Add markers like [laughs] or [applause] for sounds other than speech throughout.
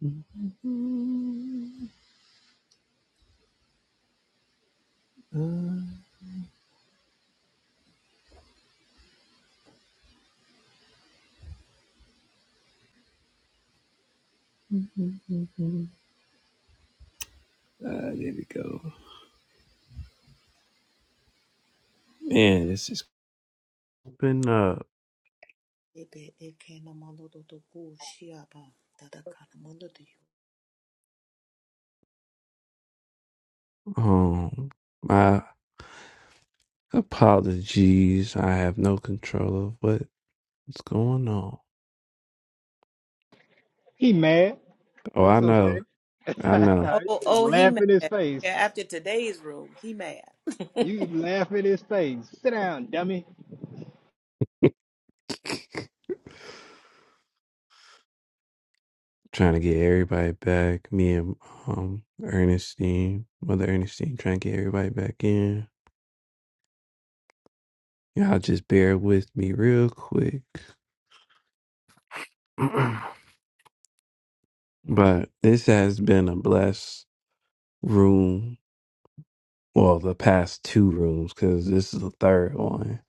Ah, there we go. Man, this is Ebe eke no mando do do ku shiaba. Dada kana mando do you. um my apologies. I have no control of what, what's going on. He mad. Oh, I That's okay. know. [laughs] I know. Oh, He just oh, he laugh mad. in his face. Yeah, after today's room, he mad. You laugh in his face. Sit down, dummy. [laughs] trying to get everybody back. Me and um Ernestine, Mother Ernestine trying to get everybody back in. Y'all just bear with me real quick. [clears throat] but this has been a blessed room Well, the past two rooms, because this is the third one,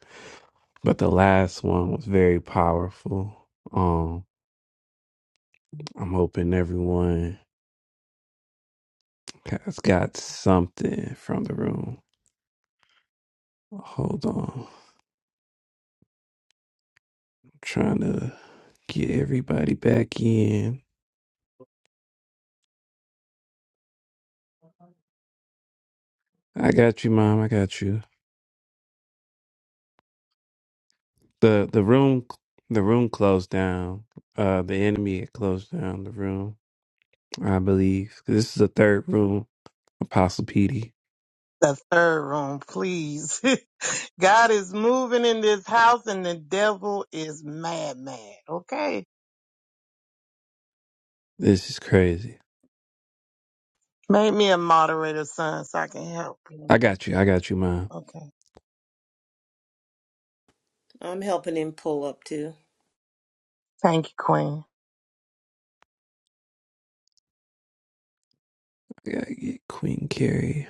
but the last one was very powerful. Um, I'm hoping everyone has got something from the room. Hold on, I'm trying to get everybody back in. I got you, mom. I got you. the The room, the room closed down. Uh, the enemy had closed down the room. I believe this is the third room. Apostle Petey. the third room, please. [laughs] God is moving in this house and the devil is mad, mad. Okay. This is crazy. Make me a moderator, son, so I can help. I got you. I got you, mom. Okay. I'm helping him pull up too. Thank you, Queen. I gotta get Queen Carrie.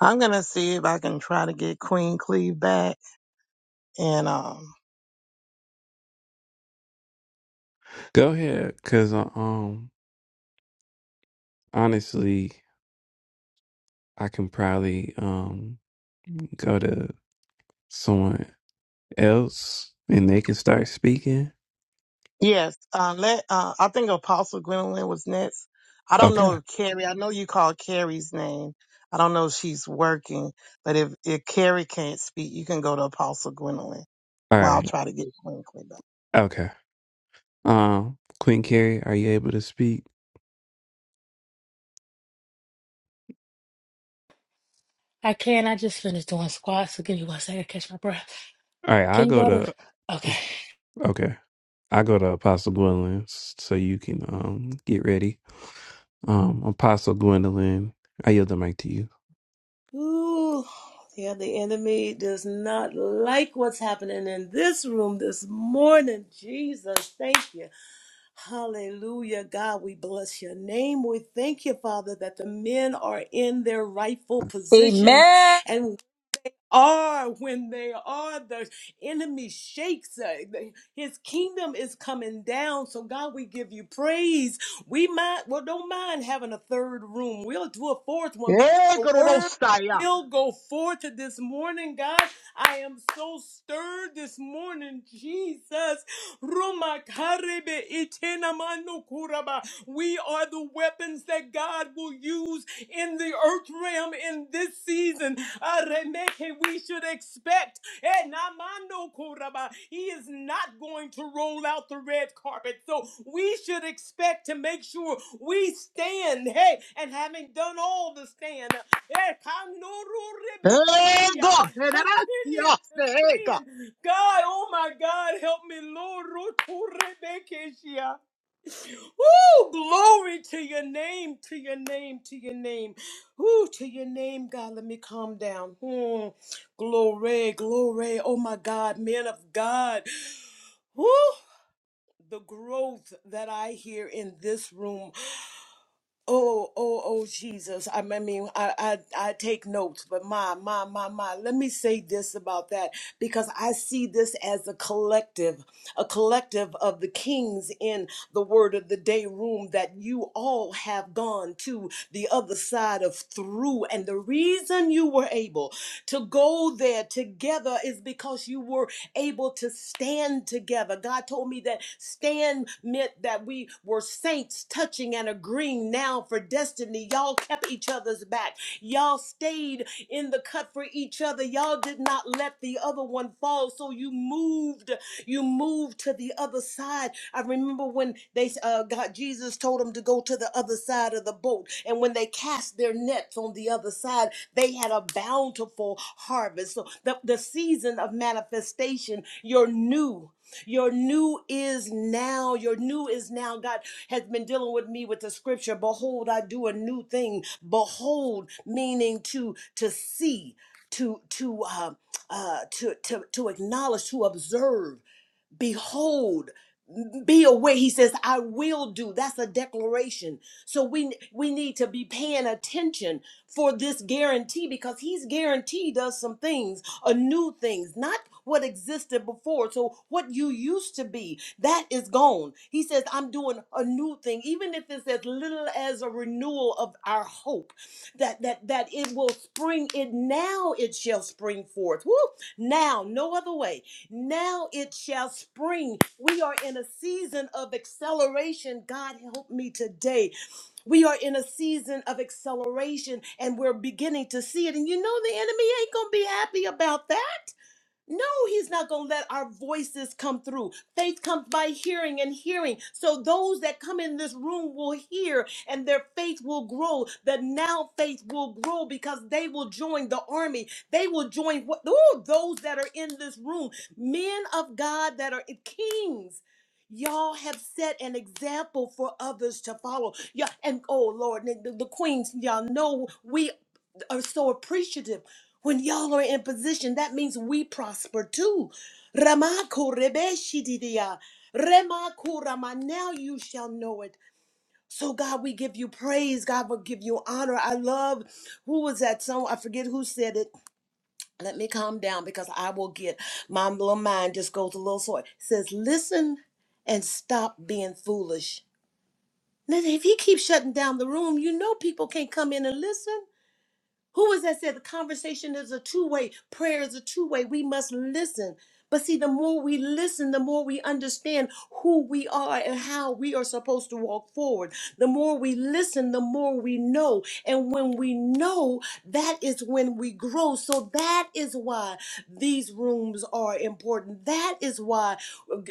I'm going to see if I can try to get Queen Cleve back and, um, Go ahead, cause uh, um, honestly, I can probably um go to someone else and they can start speaking. Yes, uh, let, uh, I think Apostle Gwendolyn was next. I don't know Okay. if Carrie, I know you called Carrie's name. I don't know if she's working, but if, if Carrie can't speak, you can go to Apostle Gwendolyn. All Well, I'll right. try to get Queen Queen back. Okay. Um, Queen Carrie, are you able to speak? I can. I just finished doing squats, so give me one second to catch my breath. All right. I'll Can you go go to? to. Okay. Okay. I go to Apostle Gwendolyn, s- so you can um get ready. Um, Apostle Gwendolyn, I yield the mic to you. Ooh, yeah, the enemy does not like what's happening in this room this morning. Jesus, thank you. Hallelujah, God, we bless your name. We thank you, Father, that the men are in their rightful positions Amen. are when they are. The enemy shakes us. His kingdom is coming down. So God, we give you praise. We might well don't mind having a third room. We'll do a fourth one because Hey, the go to those word side, yeah. will go forth this morning, God. I am so stirred this morning, Jesus. Roma karebe itena manu kuraba. We are the weapons that God will use in the earth realm in this season. Ah, Remeke, We should expect. Eh, namando koraba. He is not going to roll out the red carpet. So we should expect to make sure we stand. Hey, and having done all the stand, eh, kanoru rebeke Hey, go. shia. Hey, that I see continue us. to Hey, go. stand. God, oh my God, help me, Lord. Rutu rebeke shia. Woo! Glory to your name, to your name, to your name. Woo, to your name, God. Let me calm down. Hmm. Glory, glory. Oh my God, men of God. Woo! The growth that I hear in this room. Oh, oh, oh, Jesus. I I mean, I, I, I take notes, but my, my, my, my, let me say this about that because I see this as a collective, a collective of the kings in the word of the day room that you all have gone to the other side of through. And the reason you were able to go there together is because you were able to stand together. God told me that stand meant that we were saints touching and agreeing now for destiny. Y'all kept each other's back. Y'all stayed in the cut for each other. Y'all did not let the other one fall. So you moved you move to the other side. I remember when they uh, got Jesus told them to go to the other side of the boat, and when they cast their nets on the other side, they had a bountiful harvest. So the, the season of manifestation, your new. Your new is now. Your new is now. God has been dealing with me with the scripture. Behold, I do a new thing. Behold, meaning to to see, to to uh, uh, to to to acknowledge, to observe behold be aware he says i will do that's a declaration so we we need to be paying attention for this guarantee because he's guaranteed us some things a new things not what existed before so what you used to be that is gone he says i'm doing a new thing even if it's as little as a renewal of our hope that that that it will spring it now it shall spring forth Woo! now no other way now it shall spring we are in a season of acceleration god help me today we are in a season of acceleration and we're beginning to see it and you know the enemy ain't gonna be happy about that no, he's not going to let our voices come through. Faith comes by hearing and hearing. So those that come in this room will hear and their faith will grow. The now faith will grow because they will join the army. They will join what ooh, those that are in this room, men of God that are kings. Y'all have set an example for others to follow. Yeah, and oh Lord, the, the the queens, y'all know we are so appreciative when y'all are in position, that means we prosper too. Ramako rebeshididia. Remako rama. Now you shall know it. So God, we give you praise. God will give you honor. I love who was that song? I forget who said it. Let me calm down because I will get my little mind just goes a little sore. It says, listen and stop being foolish. Now, if he keeps shutting down the room, you know people can't come in and listen. Who was that said the conversation is a two way, prayer is a two way? We must listen. But see, the more we listen, the more we understand who we are and how we are supposed to walk forward. The more we listen, the more we know. And when we know, that is when we grow. So that is why these rooms are important. That is why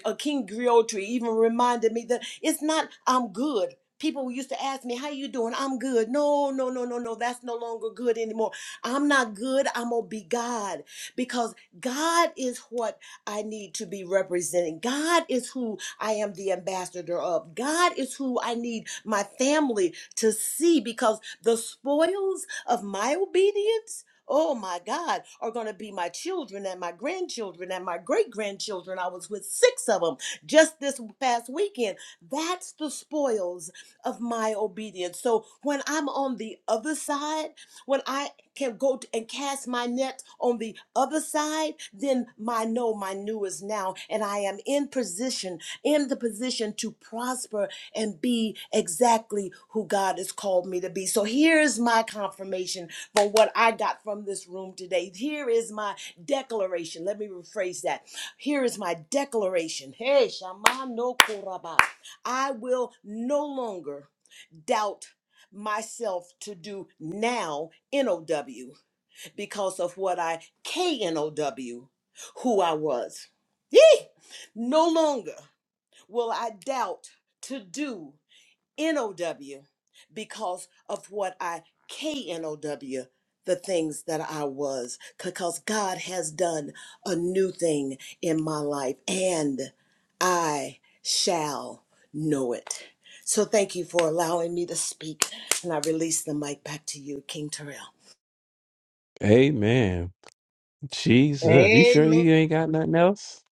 uh, King Griotri even reminded me that it's not I'm good. People used to ask me, How you doing? I'm good. No, no, no, no, no. That's no longer good anymore. I'm not good. I'm going to be God because God is what I need to be representing. God is who I am the ambassador of. God is who I need my family to see because the spoils of my obedience. Oh my God, are going to be my children and my grandchildren and my great grandchildren. I was with six of them just this past weekend. That's the spoils of my obedience. So when I'm on the other side, when I can go t- and cast my net on the other side, then my no, my new is now. And I am in position, in the position to prosper and be exactly who God has called me to be. So here's my confirmation for what I got from this room today. Here is my declaration. Let me rephrase that. Here is my declaration. Hey, Shamano Koraba. I will no longer doubt myself to do now NOW because of what I K N O W, who I was. Yee! No longer will I doubt to do N-O-W because of what I K-N-O-W, the things that I was, because God has done a new thing in my life and I shall know it. So thank you for allowing me to speak and I release the mic back to you, King Terrell. Amen. Jesus, you sure Amen. you ain't got nothing else?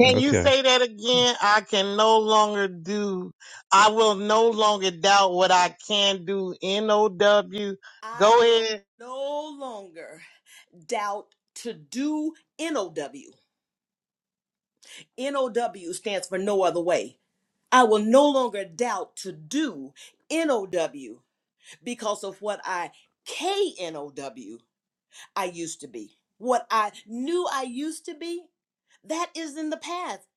Can you Okay. say that Amen. again? I can no longer do, I will no longer doubt what I can do. N O W. I Go will ahead. no longer doubt to do N-O-W. N-O-W stands for no other way. I will no longer doubt to do NOW because of what I KNOW I used to be. What I knew I used to be, that is in the past.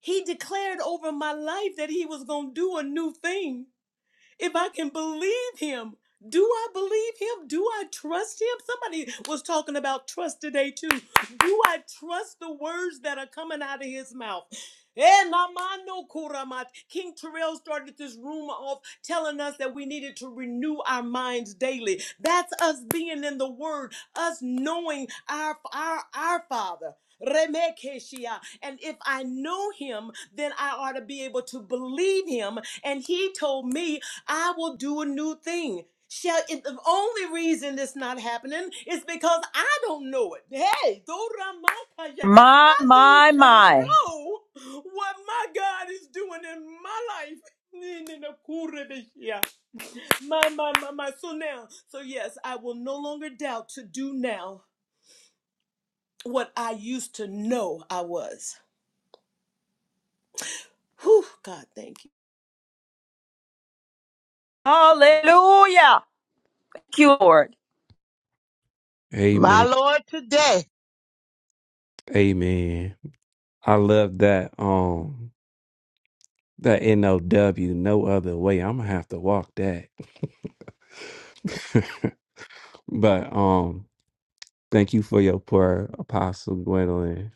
He declared over my life that he was going to do a new thing if I can believe him. Do I believe him? Do I trust him? Somebody was talking about trust today too. Do I trust the words that are coming out of his mouth? Eh, namano kuramat. King Terrell started this room off telling us that we needed to renew our minds daily. That's us being in the Word, us knowing our our, our Father. Remekeshia. And if I know him, then I ought to be able to believe him. And he told me I will do a new thing. Shall it, the only reason it's not happening is because I don't know it. Hey, Doramakaya, My, I need my, to my. know what my God is doing in my life. [laughs] Nininakurebeshia. My, my, my, my. So now, so yes, I will no longer doubt to do now what I used to know I was. Whew, God, thank you. Hallelujah. Thank you, Lord. My Lord today. Amen. I love that. Um, that NOW, no other way. I'm gonna have to walk that. [laughs] but um, thank you for your prayer, Apostle Gwendolyn.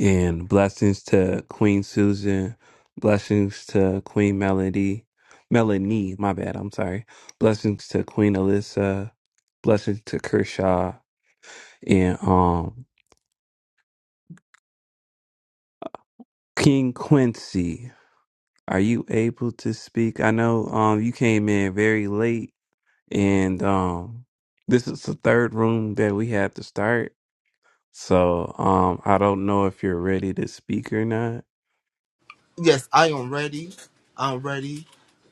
And blessings to Queen Susan. Blessings to Queen Melody. Melanie, my bad, I'm sorry. Blessings to Queen Alyssa. Blessings to Kershaw. And um King Quincy. Are you able to speak? I know um you came in very late and um this is the third room that we have to start. So um I don't know if you're ready to speak or not. Yes, I am ready. I'm ready.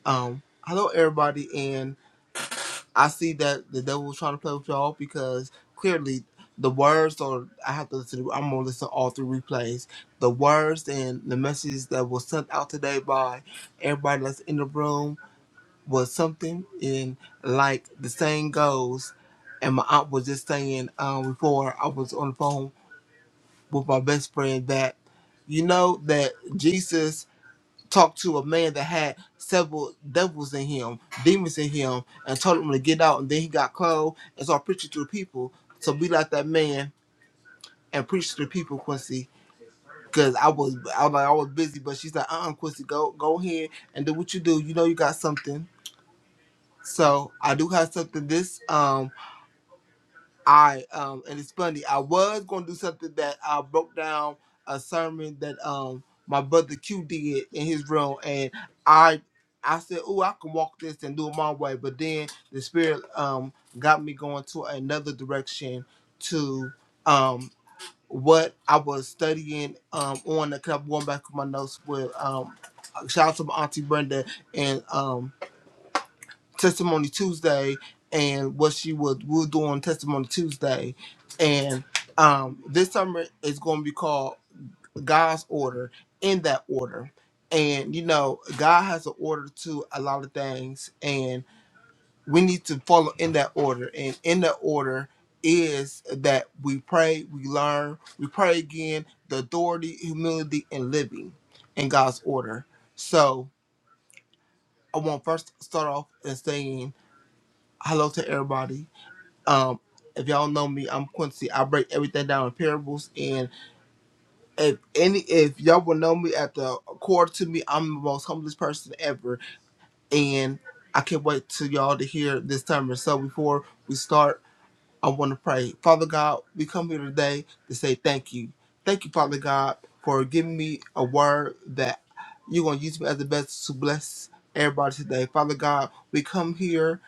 Um, hello everybody, and I see that the devil was trying to play with y'all because clearly the words or I have to listen. To, I'm gonna listen to all three replays. The words and the messages that was sent out today by everybody that's in the room was something. And like the saying goes, and my aunt was just saying um, before I was on the phone with my best friend that you know that Jesus talk to a man that had several devils in him, demons in him, and told him to get out. And then he got clothed and started preaching to the people. So be like that man and preach to the people, Quincy. Cause I was, I was like, I was busy, but she's like, uh, uh Quincy, go, go ahead and do what you do. You know, you got something. So I do have something. This, um. I um and it's funny. I was gonna do something that I broke down a sermon that um my brother Q did in his room, and I I said, "Oh, I can walk this and do it my way," but then the spirit um got me going to another direction to um what I was studying um on the club going back to my notes with um shout out to my auntie Brenda and um Testimony Tuesday and what she would will do on Testimony Tuesday. And um, this summer is going to be called God's Order in that order. And you know, God has an order to a lot of things, and we need to follow in that order. And in that order is that we pray, we learn, we pray again, the authority, humility, and living in God's order. So I want first to start off and saying hello to everybody Um, if y'all know me, I'm Quincy. I break everything down in parables. And if any, if y'all will know me at the core to me, I'm the most humblest person ever. And I can't wait to y'all to hear this time. So before we start. I want to pray. Father God, we come here today to say thank you. Thank you, Father God, for giving me a word that you're going to use me as the best to bless everybody today. Father God, we come here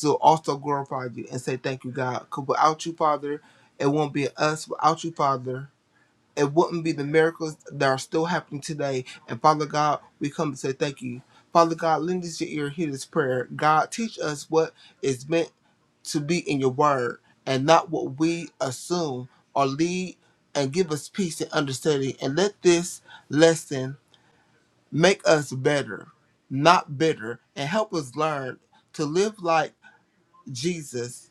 to also glorify you and say thank you, God. Because without you, Father, it won't be us. Without you, Father, it wouldn't be the miracles that are still happening today. And Father God, we come to say thank you. Father God, lend us your ear, hear this prayer. God, teach us what is meant to be in your word and not what we assume or lead and give us peace and understanding. And let this lesson make us better, not bitter, and help us learn to live like Jesus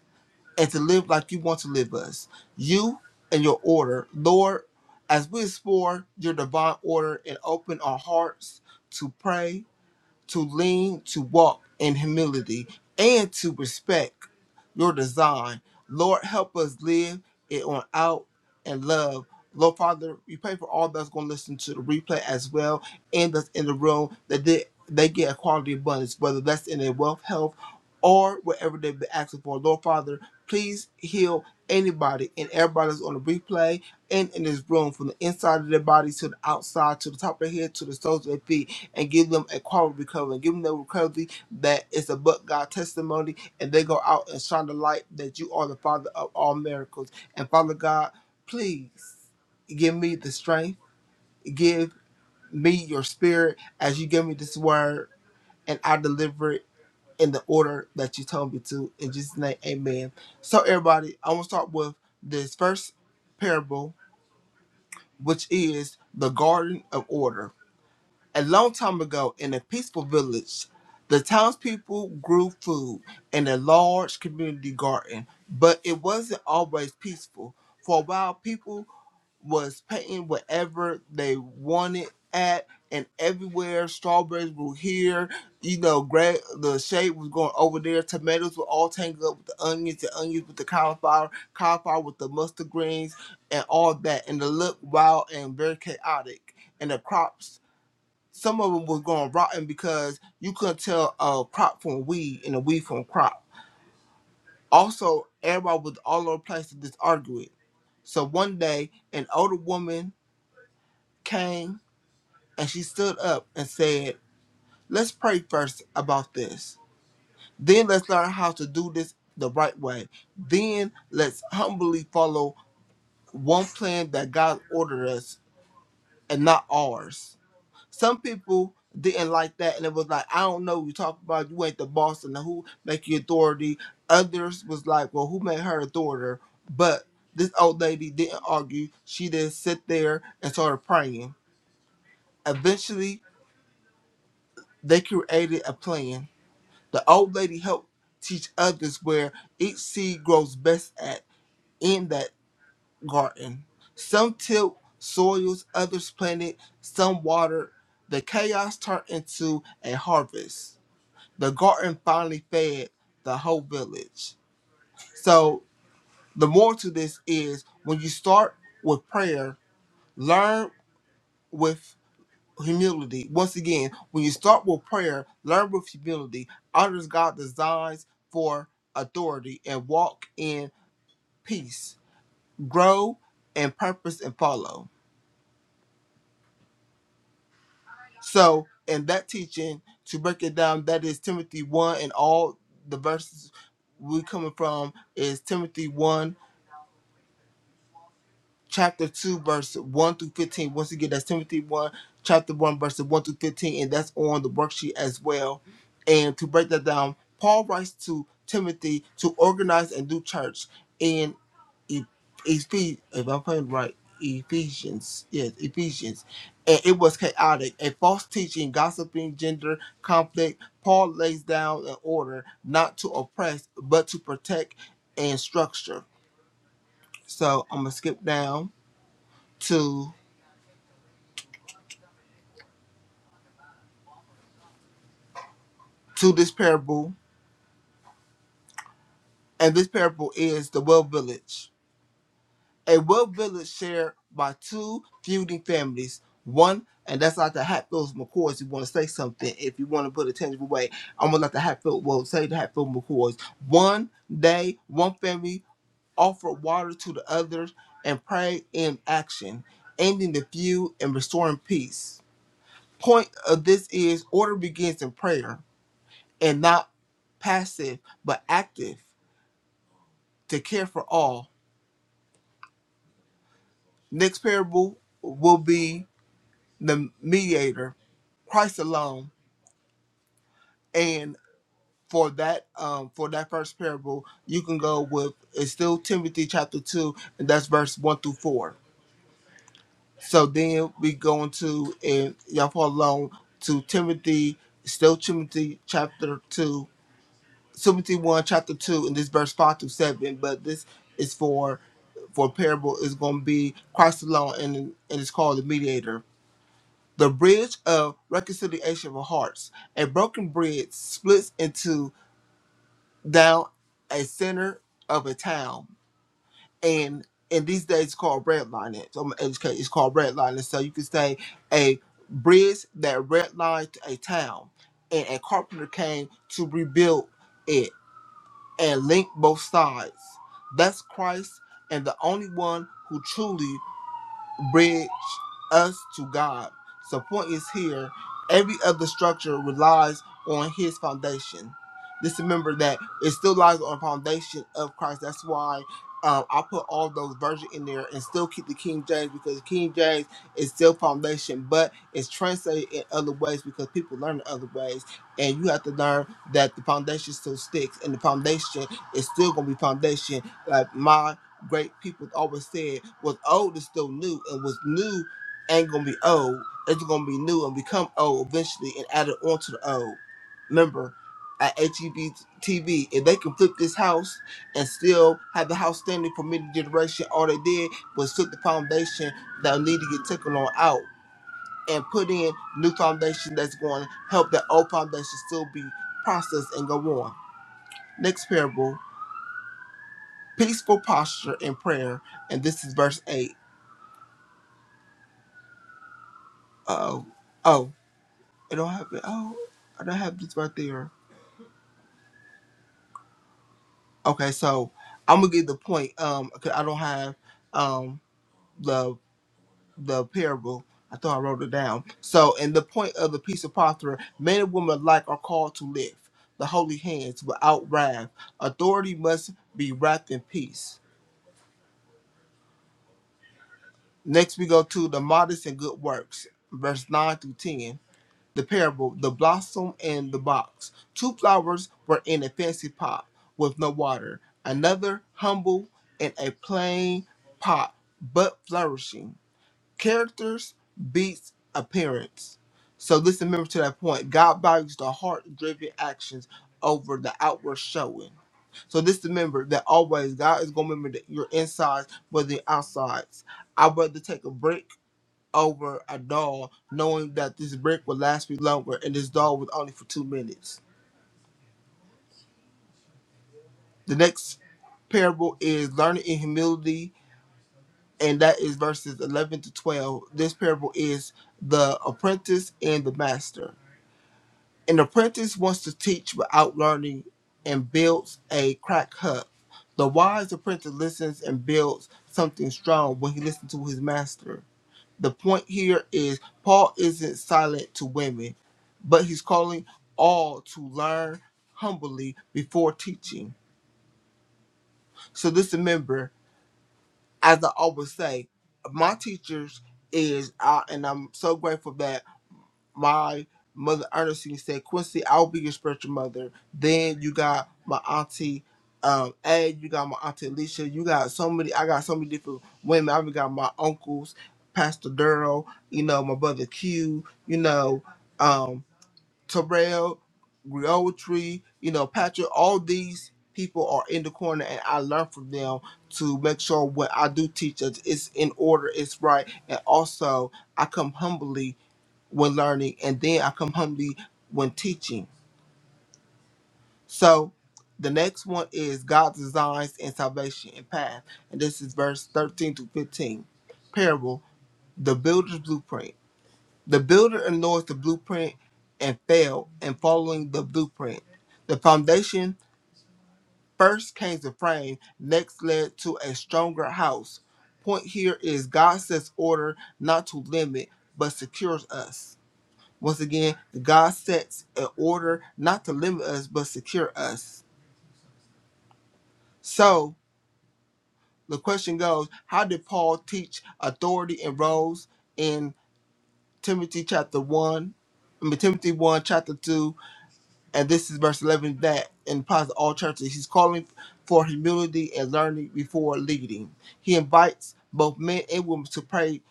and to live like you want to live us. You and your order, Lord, as we explore your divine order and open our hearts to pray to lean, to walk in humility, and to respect your design. Lord, help us live it on out and love. Lord Father, we pray for all that's going to listen to the replay as well and that's in the room that they, they get a quality abundance, whether that's in their wealth, health, or whatever they've been asking for. Lord Father, please heal anybody and everybody that's on the replay and in this room from the inside of their body to the outside, to the top of their head, to the soles of their feet and give them a quality recovery, give them the recovery that is a but God testimony, and they go out and shine the light that you are the Father of all miracles. And Father God, please give me the strength, give me your spirit as you give me this word, and I deliver it in the order that you told me to. In Jesus' name, amen. So, everybody, I want to start with this first parable, which is the Garden of Order A long time ago, in a peaceful village, the townspeople grew food in a large community garden, but it wasn't always peaceful. For a while, people was painting whatever they wanted at and everywhere. Strawberries were here, you know, gra- the shade was going over there. Tomatoes were all tangled up with the onions, the onions with the cauliflower, cauliflower with the mustard greens, and all that. And it looked wild and very chaotic. And the crops some of them was going rotten because you couldn't tell a crop from weed and a weed from crop. Also, everybody was all over the place to just argue it. So one day, an older woman came and she stood up and said, Let's pray first about this. Then let's learn how to do this the right way. Then let's humbly follow one plan that God ordered us and not ours. Some people didn't like that, and it was like, I don't know, you talk about you ain't the boss and who make you authority. Others was like, well, who made her authority? But this old lady didn't argue. She didn't sit there and started praying. Eventually, they created a plan. The old lady helped teach others where each seed grows best at in that garden. Some tilled soils, others planted, some watered. The chaos turned into a harvest. The garden finally fed the whole village. So the moral to this is when you start with prayer, learn with humility. Once again, when you start with prayer, learn with humility. Honor God designs for authority and walk in peace. Grow and purpose and follow. So in that teaching, to break it down, that is Timothy one and all the verses we coming from is Timothy 1 chapter 2, verse 1 through 15. Once again, that's Timothy 1, chapter 1, verses 1 through 15, and that's on the worksheet as well. And to break that down, Paul writes to Timothy to organize and do church in Ephesians, if I'm playing right, Ephesians, yes, Ephesians. And it was chaotic, a false teaching, gossiping, gender conflict. Paul lays down an order not to oppress, but to protect and structure. So I'm gonna skip down to to this parable, and this parable is the well village. A well village shared by two feuding families. One, and that's like the Hatfields McCoys. You want to say something if you want to put a tangible way. I'm gonna let the Hatfield well say the Hatfield McCoys. One day, one family offered water to the others and prayed in action, ending the feud and restoring peace. Point of this is order begins in prayer and not passive but active to care for all Next parable will be the mediator, Christ alone. And for that, um, for that first parable, you can go with it's still Timothy chapter two, and that's verse one through four. So then we go into and y'all follow along to Timothy, still Timothy chapter two, Timothy one chapter two, and this verse five through seven. But this is for for parable is going to be Christ alone, and and it's called the mediator The bridge of reconciliation for hearts. A broken bridge splits into down a center of a town. And in these days it's called redlining. So I'm educated, it's called redlining. So you could say a bridge that redlined a town. And a carpenter came to rebuild it and link both sides. That's Christ and the only one who truly bridge us to God. So point is here, every other structure relies on his foundation. Just remember that it still lies on foundation of Christ. That's why um, I put all those versions in there and still keep the King James because King James is still foundation, but it's translated in other ways because people learn it other ways. And you have to learn that the foundation still sticks and the foundation is still gonna be foundation. Like my great people always said was old is still new and was new ain't gonna be old. It's gonna be new and become old eventually and add it onto the old. Remember, at HEB TV, if they can flip this house and still have the house standing for many generations, all they did was flip the foundation that need to get taken on out and put in new foundation that's going to help that old foundation still be processed and go on. Next parable, peaceful posture in prayer, and this is verse 8. Oh, oh, it don't have it. Oh, I don't have this right there. Okay, so I'm gonna get the point. Um, 'cause I don't have um the the parable. I thought I wrote it down. So, and the point of the piece of pottery, men and women alike are called to lift the holy hands without wrath. Authority must be wrapped in peace. Next, we go to the modest and good works, verse nine through ten. The parable, the blossom and the box. Two flowers were in a fancy pot with no water, another humble in a plain pot but flourishing. Characters beats appearance. So let's remember to that point. God values the heart driven actions over the outward showing. So this remember that always God is gonna remember that your insides but the outsides. I'd rather take a break over a doll, knowing that this brick would last me longer and this doll was only for two minutes. The next parable is learning in humility, and that is verses 11 to 12. This parable is the apprentice and the master. An apprentice wants to teach without learning and builds a crack hut. The wise apprentice listens and builds something strong when he listens to his master. The point here is Paul isn't silent to women, but he's calling all to learn humbly before teaching. So just remember, as I always say, my teachers is I, and I'm so grateful that my mother Ernestine said, Quincy, I'll be your spiritual mother. Then you got my auntie um A, you got my auntie Alicia, you got so many I got so many different women. I've got my uncles, Pastor Durrell, you know, my brother Q, you know, um Terrell, Griotry, you know, Patrick, all these people are in the corner and I learn from them to make sure what I do teach is is in order, it's right, and also I come humbly when learning, and then I come humbly when teaching. So the next one is God's designs and salvation and path. And this is verse 13 to 15. Parable, the builder's blueprint. The builder ignores the blueprint and failed in following the blueprint. The foundation first came to frame, next led to a stronger house. Point here is God sets order not to limit, but secures us. Once again, God sets an order not to limit us but secure us. So the question goes, how did Paul teach authority and roles in Timothy chapter one? I mean, Timothy 1, chapter 2, and this is verse 11 that in positive all churches, he's calling for humility and learning before leading. He invites both men and women to pray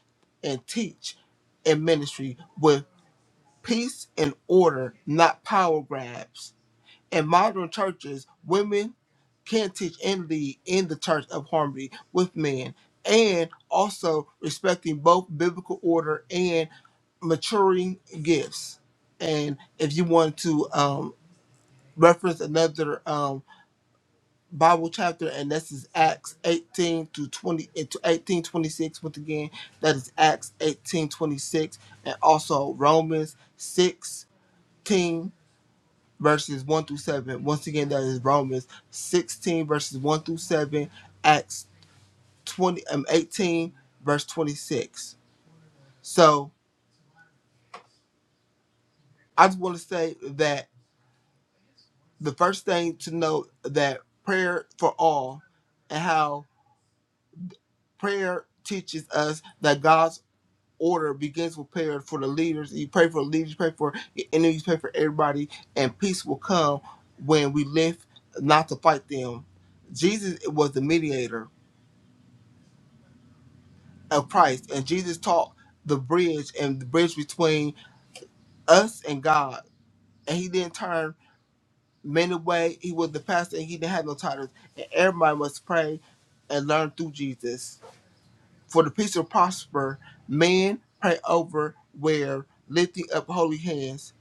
and teach in ministry with peace and order, not power grabs. In modern churches, women can teach and lead in the church of harmony with men and also respecting both biblical order and maturing gifts. And if you want to um, reference another um, Bible chapter, and this is Acts 18 to 20 eh, to 18 26. once again, that is Acts 18 26, and also Romans 16 verses 1 through 7. Once again, that is Romans 16, verses 1 through 7, Acts 20, um, 18, verse 26. So I just want to say that the first thing to note that prayer for all and how prayer teaches us that God's order begins with prayer for the leaders. You pray for the leaders, you pray for your enemies, you pray for everybody, and peace will come when we live not to fight them. Jesus was the mediator of Christ, and Jesus taught the bridge and the bridge between us and God. And he didn't turn men away. He was the pastor, and he didn't have no titles. And everybody must pray and learn through Jesus. For the peace to prosper, men pray over where lifting up holy hands.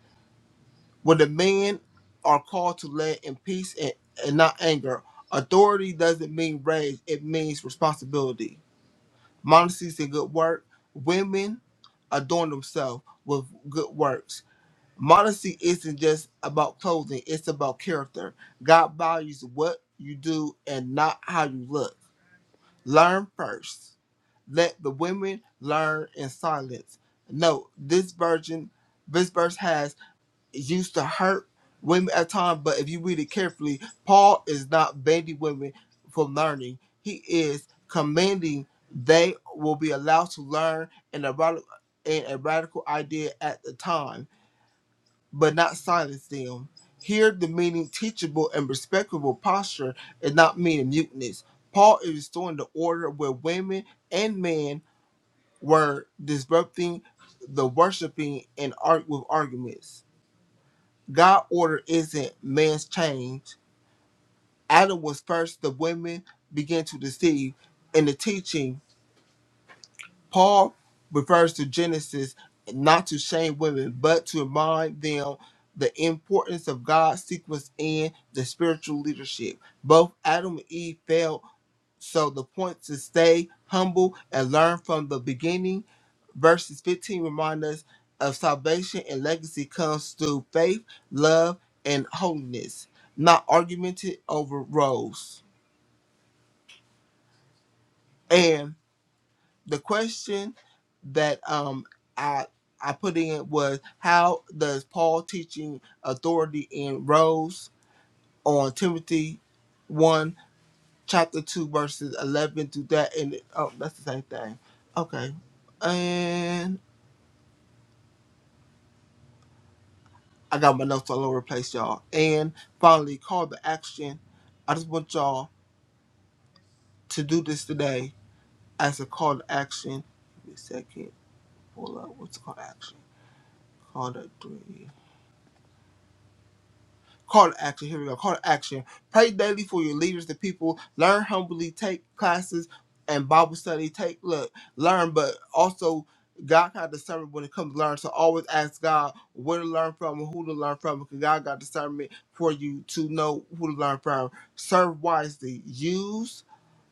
When the men are called to lay in peace and, and not anger, authority doesn't mean rage; it means responsibility Modesty is a good work. Women adorn themselves with good works. Modesty isn't just about clothing, it's about character. God values what you do and not how you look. Learn first. Let the women learn in silence. Note this version, this verse has used to hurt women at times, but if you read it carefully, Paul is not banning women from learning. He is commanding they will be allowed to learn in a, rad- in a radical idea at the time, but not silence them. Here, the meaning teachable and respectable posture is not meaning muteness. Paul is restoring the order where women and men were disrupting the worshiping and art with arguments. God order isn't man's change. Adam was first, the women began to deceive. In the teaching, Paul refers to Genesis not to shame women, but to remind them the importance of God's sequence in the spiritual leadership. Both Adam and Eve failed, so the point to stay humble and learn from the beginning Verses 15 remind us of salvation and legacy comes through faith, love, and holiness, not argumented over roles. And the question that um I I put in was how does Paul teaching authority in roles on Timothy one chapter two verses eleven through that and oh that's the same thing. Okay. And I got my notes all over the place, y'all. And finally, call to action. I just want y'all to do this today as a call to action. Give me a second. Pull up. What's the call to action? Call to three. Call to action. Here we go. Call to action. Pray daily for your leaders, the people. Learn humbly. Take classes and Bible study. Take look. Learn, but also God got discernment when it comes to learn. So always ask God where to learn from and who to learn from. Because God got discernment for you to know who to learn from. Serve wisely. Use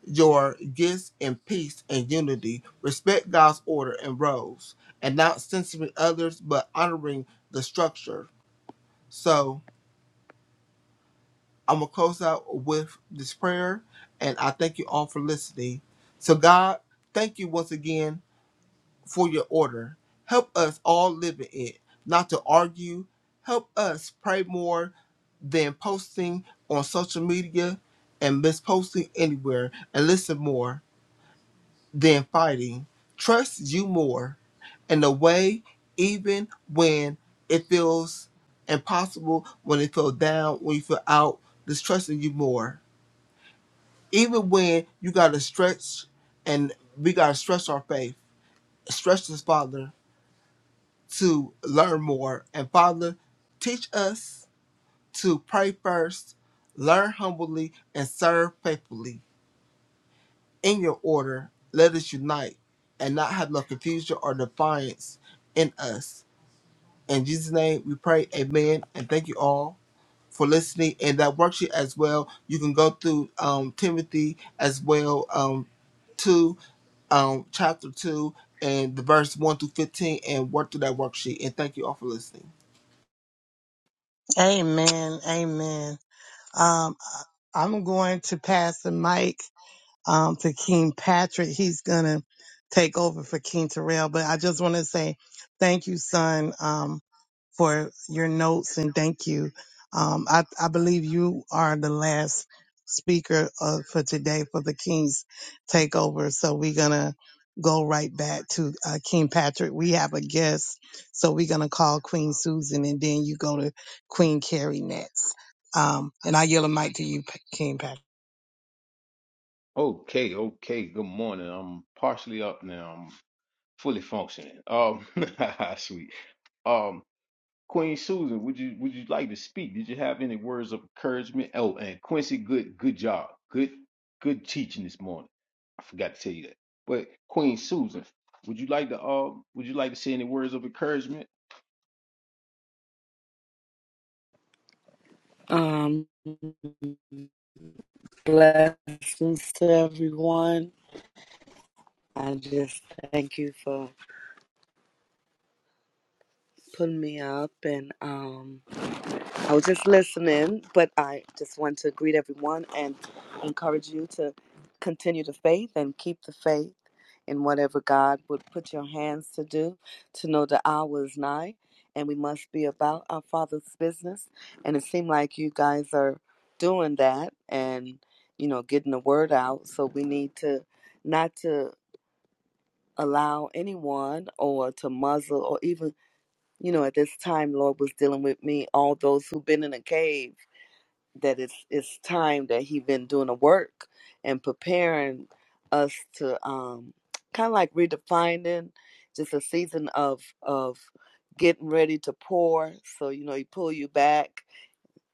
your gifts in peace and unity. Respect God's order and rules, and not censoring others, but honoring the structure. So I'm going to close out with this prayer, and I thank you all for listening. So, God, thank you once again for your order. Help us all live in it, not to argue. Help us pray more than posting on social media and misposting anywhere, and listen more than fighting. Trust you more in a way, even when it feels impossible, when it feels down, when you feel out, just trusting you more even when you gotta stretch and we gotta stretch our faith, stretch this Father to learn more. And Father, teach us to pray first, learn humbly, and serve faithfully. In your order, let us unite and not have no confusion or defiance in us. In Jesus' name we pray, Amen, and thank you all. for listening and that worksheet as well. You can go through um, Timothy as well um, to um, chapter 2 and the verse 1 through 15 and work through that worksheet. And thank you all for listening. Amen. Amen. Um, I- am going to pass the mic, um, to King Patrick. He's going to take over for King Terrell, but I just want to say thank you, son. Um, for your notes and thank you. Um, I, I believe you are the last speaker uh, for today for the King's Takeover. So we're going to go right back to uh, King Patrick. We have a guest. So we're going to call Queen Susan and then you go to Queen Carrie next. Um, and I yell a mic to you, P- King Patrick. Okay, okay. Good morning. I'm partially up now. I'm fully functioning. Um, [laughs] sweet. Um, Queen Susan, would you would you like to speak? Did you have any words of encouragement? Oh, and Quincy, good good job. Good good teaching this morning. I forgot to tell you that. But Queen Susan, would you like to um would you like to say any words of encouragement? Um, blessings to everyone. I just thank you for putting me up, and um, I was just listening, but I just want to greet everyone and encourage you to continue the faith and keep the faith in whatever God would put your hands to do, to know the hour is nigh and we must be about our Father's business. And it seemed like you guys are doing that and, you know, getting the word out. So we need to not to allow anyone or to muzzle or even, you know, at this time, Lord was dealing with me, all those who've been in a cave that it's it's time that he been doing the work and preparing us to um kind of like redefining just a season of of getting ready to pour so you know he pull you back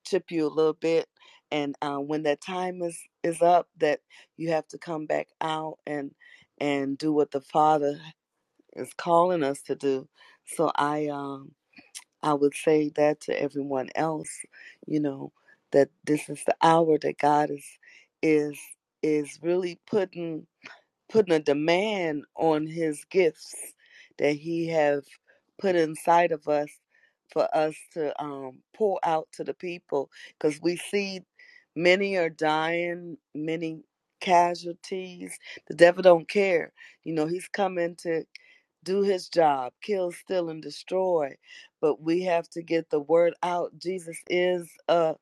chip you a little bit and uh, when that time is is up that you have to come back out and and do what the father is calling us to do so i um, I would say that to everyone else, you know, that this is the hour that God is is is really putting putting a demand on his gifts that he have put inside of us for us to um, pour out to the people because we see many are dying many casualties the devil don't care you know he's coming to do his job kill steal and destroy but we have to get the word out jesus is a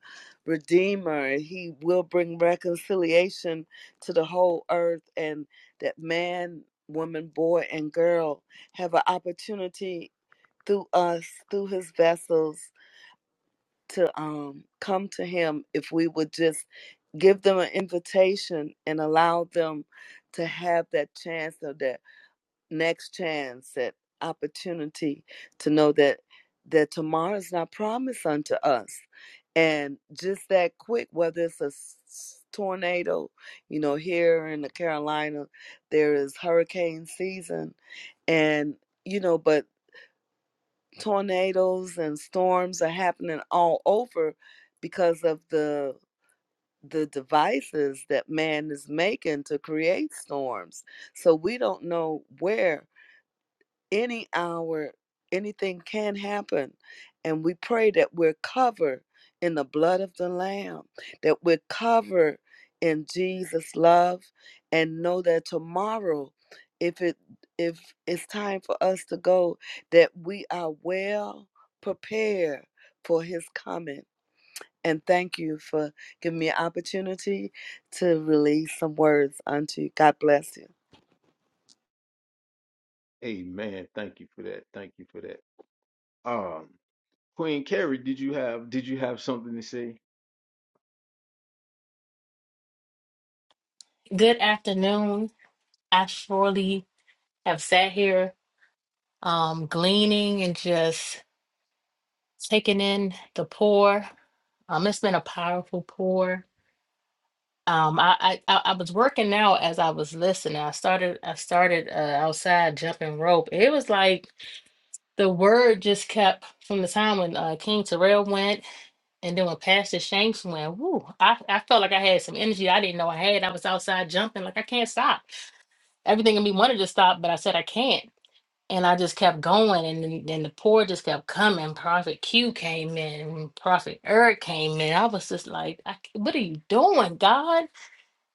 redeemer he will bring reconciliation to the whole earth and that man, woman, boy, and girl have an opportunity through us, through his vessels, to um, come to him if we would just give them an invitation and allow them to have that chance of that next chance, that opportunity to know that that tomorrow is not promised unto us. And just that quick, whether it's a tornado, you know, here in the Carolina, there is hurricane season, and you know, but tornadoes and storms are happening all over because of the the devices that man is making to create storms. So we don't know where any hour anything can happen and we pray that we're covered in the blood of the lamb that we're covered in jesus love and know that tomorrow if it if it's time for us to go that we are well prepared for his coming and thank you for giving me an opportunity to release some words unto you god bless you Amen. Thank you for that. Thank you for that. Um, Queen Carrie, did you have did you have something to say? Good afternoon. I surely have sat here, um, gleaning and just taking in the pour. Um, it's been a powerful pour. Um, I, I I I was working out as I was listening. I started I started uh, outside jumping rope. It was like the word just kept from the time when uh, King Terrell went. And then when Pastor Shanks went, whoo, I, I felt like I had some energy I didn't know I had. I was outside jumping, like I can't stop. Everything in me wanted to stop, but I said I can't. And I just kept going. And then, then the pour just kept coming. Prophet Q came in, and Prophet Eric came in. I was just like, I, c- what are you doing, God?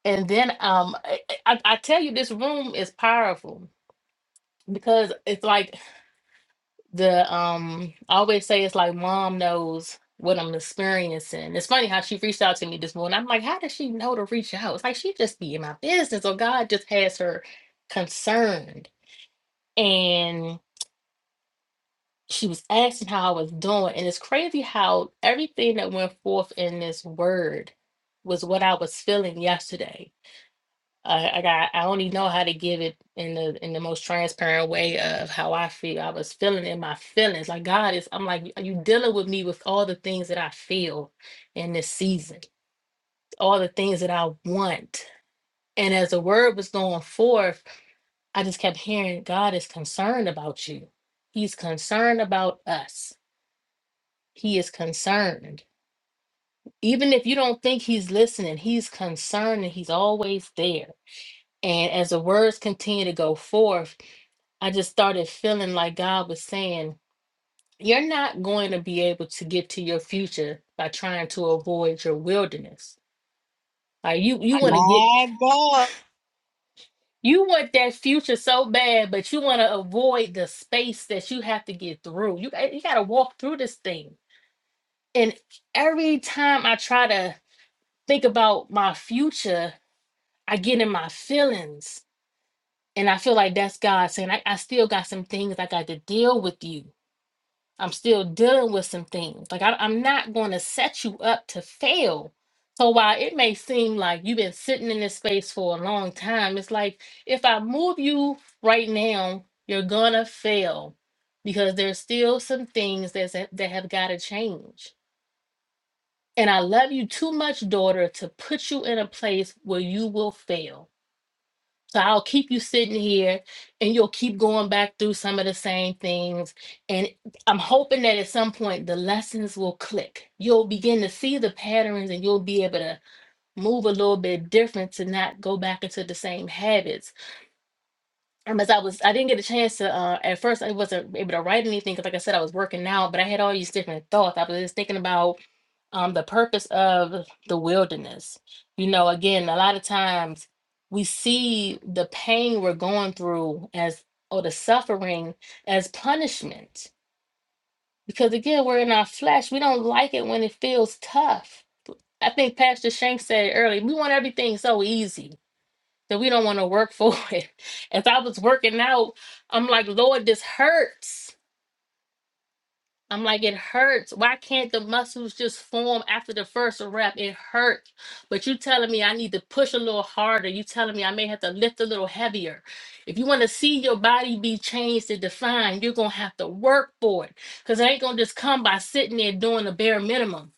And then um, I, I I tell you, this room is powerful because it's like the um I always say it's like mom knows what I'm experiencing. It's funny how she reached out to me this morning. I'm like, how does she know to reach out? It's like she just be in my business, or God just has her concerned. And she was asking how I was doing, and it's crazy how everything that went forth in this word was what I was feeling yesterday I, I got I only know how to give it in the in the most transparent way of how I feel. I was feeling in my feelings. Like God is I'm like you dealing with me with all the things that I feel in this season, all the things that I want. And as the word was going forth, I just kept hearing God is concerned about you. He's concerned about us. He is concerned. Even if you don't think he's listening, he's concerned and he's always there. And as the words continue to go forth, I just started feeling like God was saying, You're not going to be able to get to your future by trying to avoid your wilderness. Like you you want to get My God, you want that future so bad, but you want to avoid the space that you have to get through. You eh, you gotta walk through this thing. And every time I try to think about my future, I get in my feelings. And I feel like that's God saying, I, I still got some things I got to deal with you I'm still dealing with some things. Like I, I'm not going to set you up to fail. So while it may seem like you've been sitting in this space for a long time, it's like if I move you right now, you're gonna fail because there's still some things that's, that have got to change. And I love you too much, daughter, to put you in a place where you will fail. So I'll keep you sitting here and you'll keep going back through some of the same things. And I'm hoping that at some point the lessons will click. You'll begin to see the patterns and you'll be able to move a little bit different to not go back into the same habits. Um, as I was, I didn't get a chance to, uh, at first I wasn't able to write anything because like I said, I was working out, but I had all these different thoughts. I was just thinking about um the purpose of the wilderness you know again a lot of times we see the pain we're going through as or the suffering as punishment because again we're in our flesh we don't like it when it feels tough i think pastor shank said earlier we want everything so easy that we don't want to work for [laughs] it as i was working out i'm like lord this hurts I'm like, it hurts. Why can't the muscles just form after the first rep? It hurts. But you telling me I need to push a little harder. You telling me I may have to lift a little heavier. If you want to see your body be changed and defined, you're gonna have to work for it. Cause it ain't gonna just come by sitting there doing the bare minimum.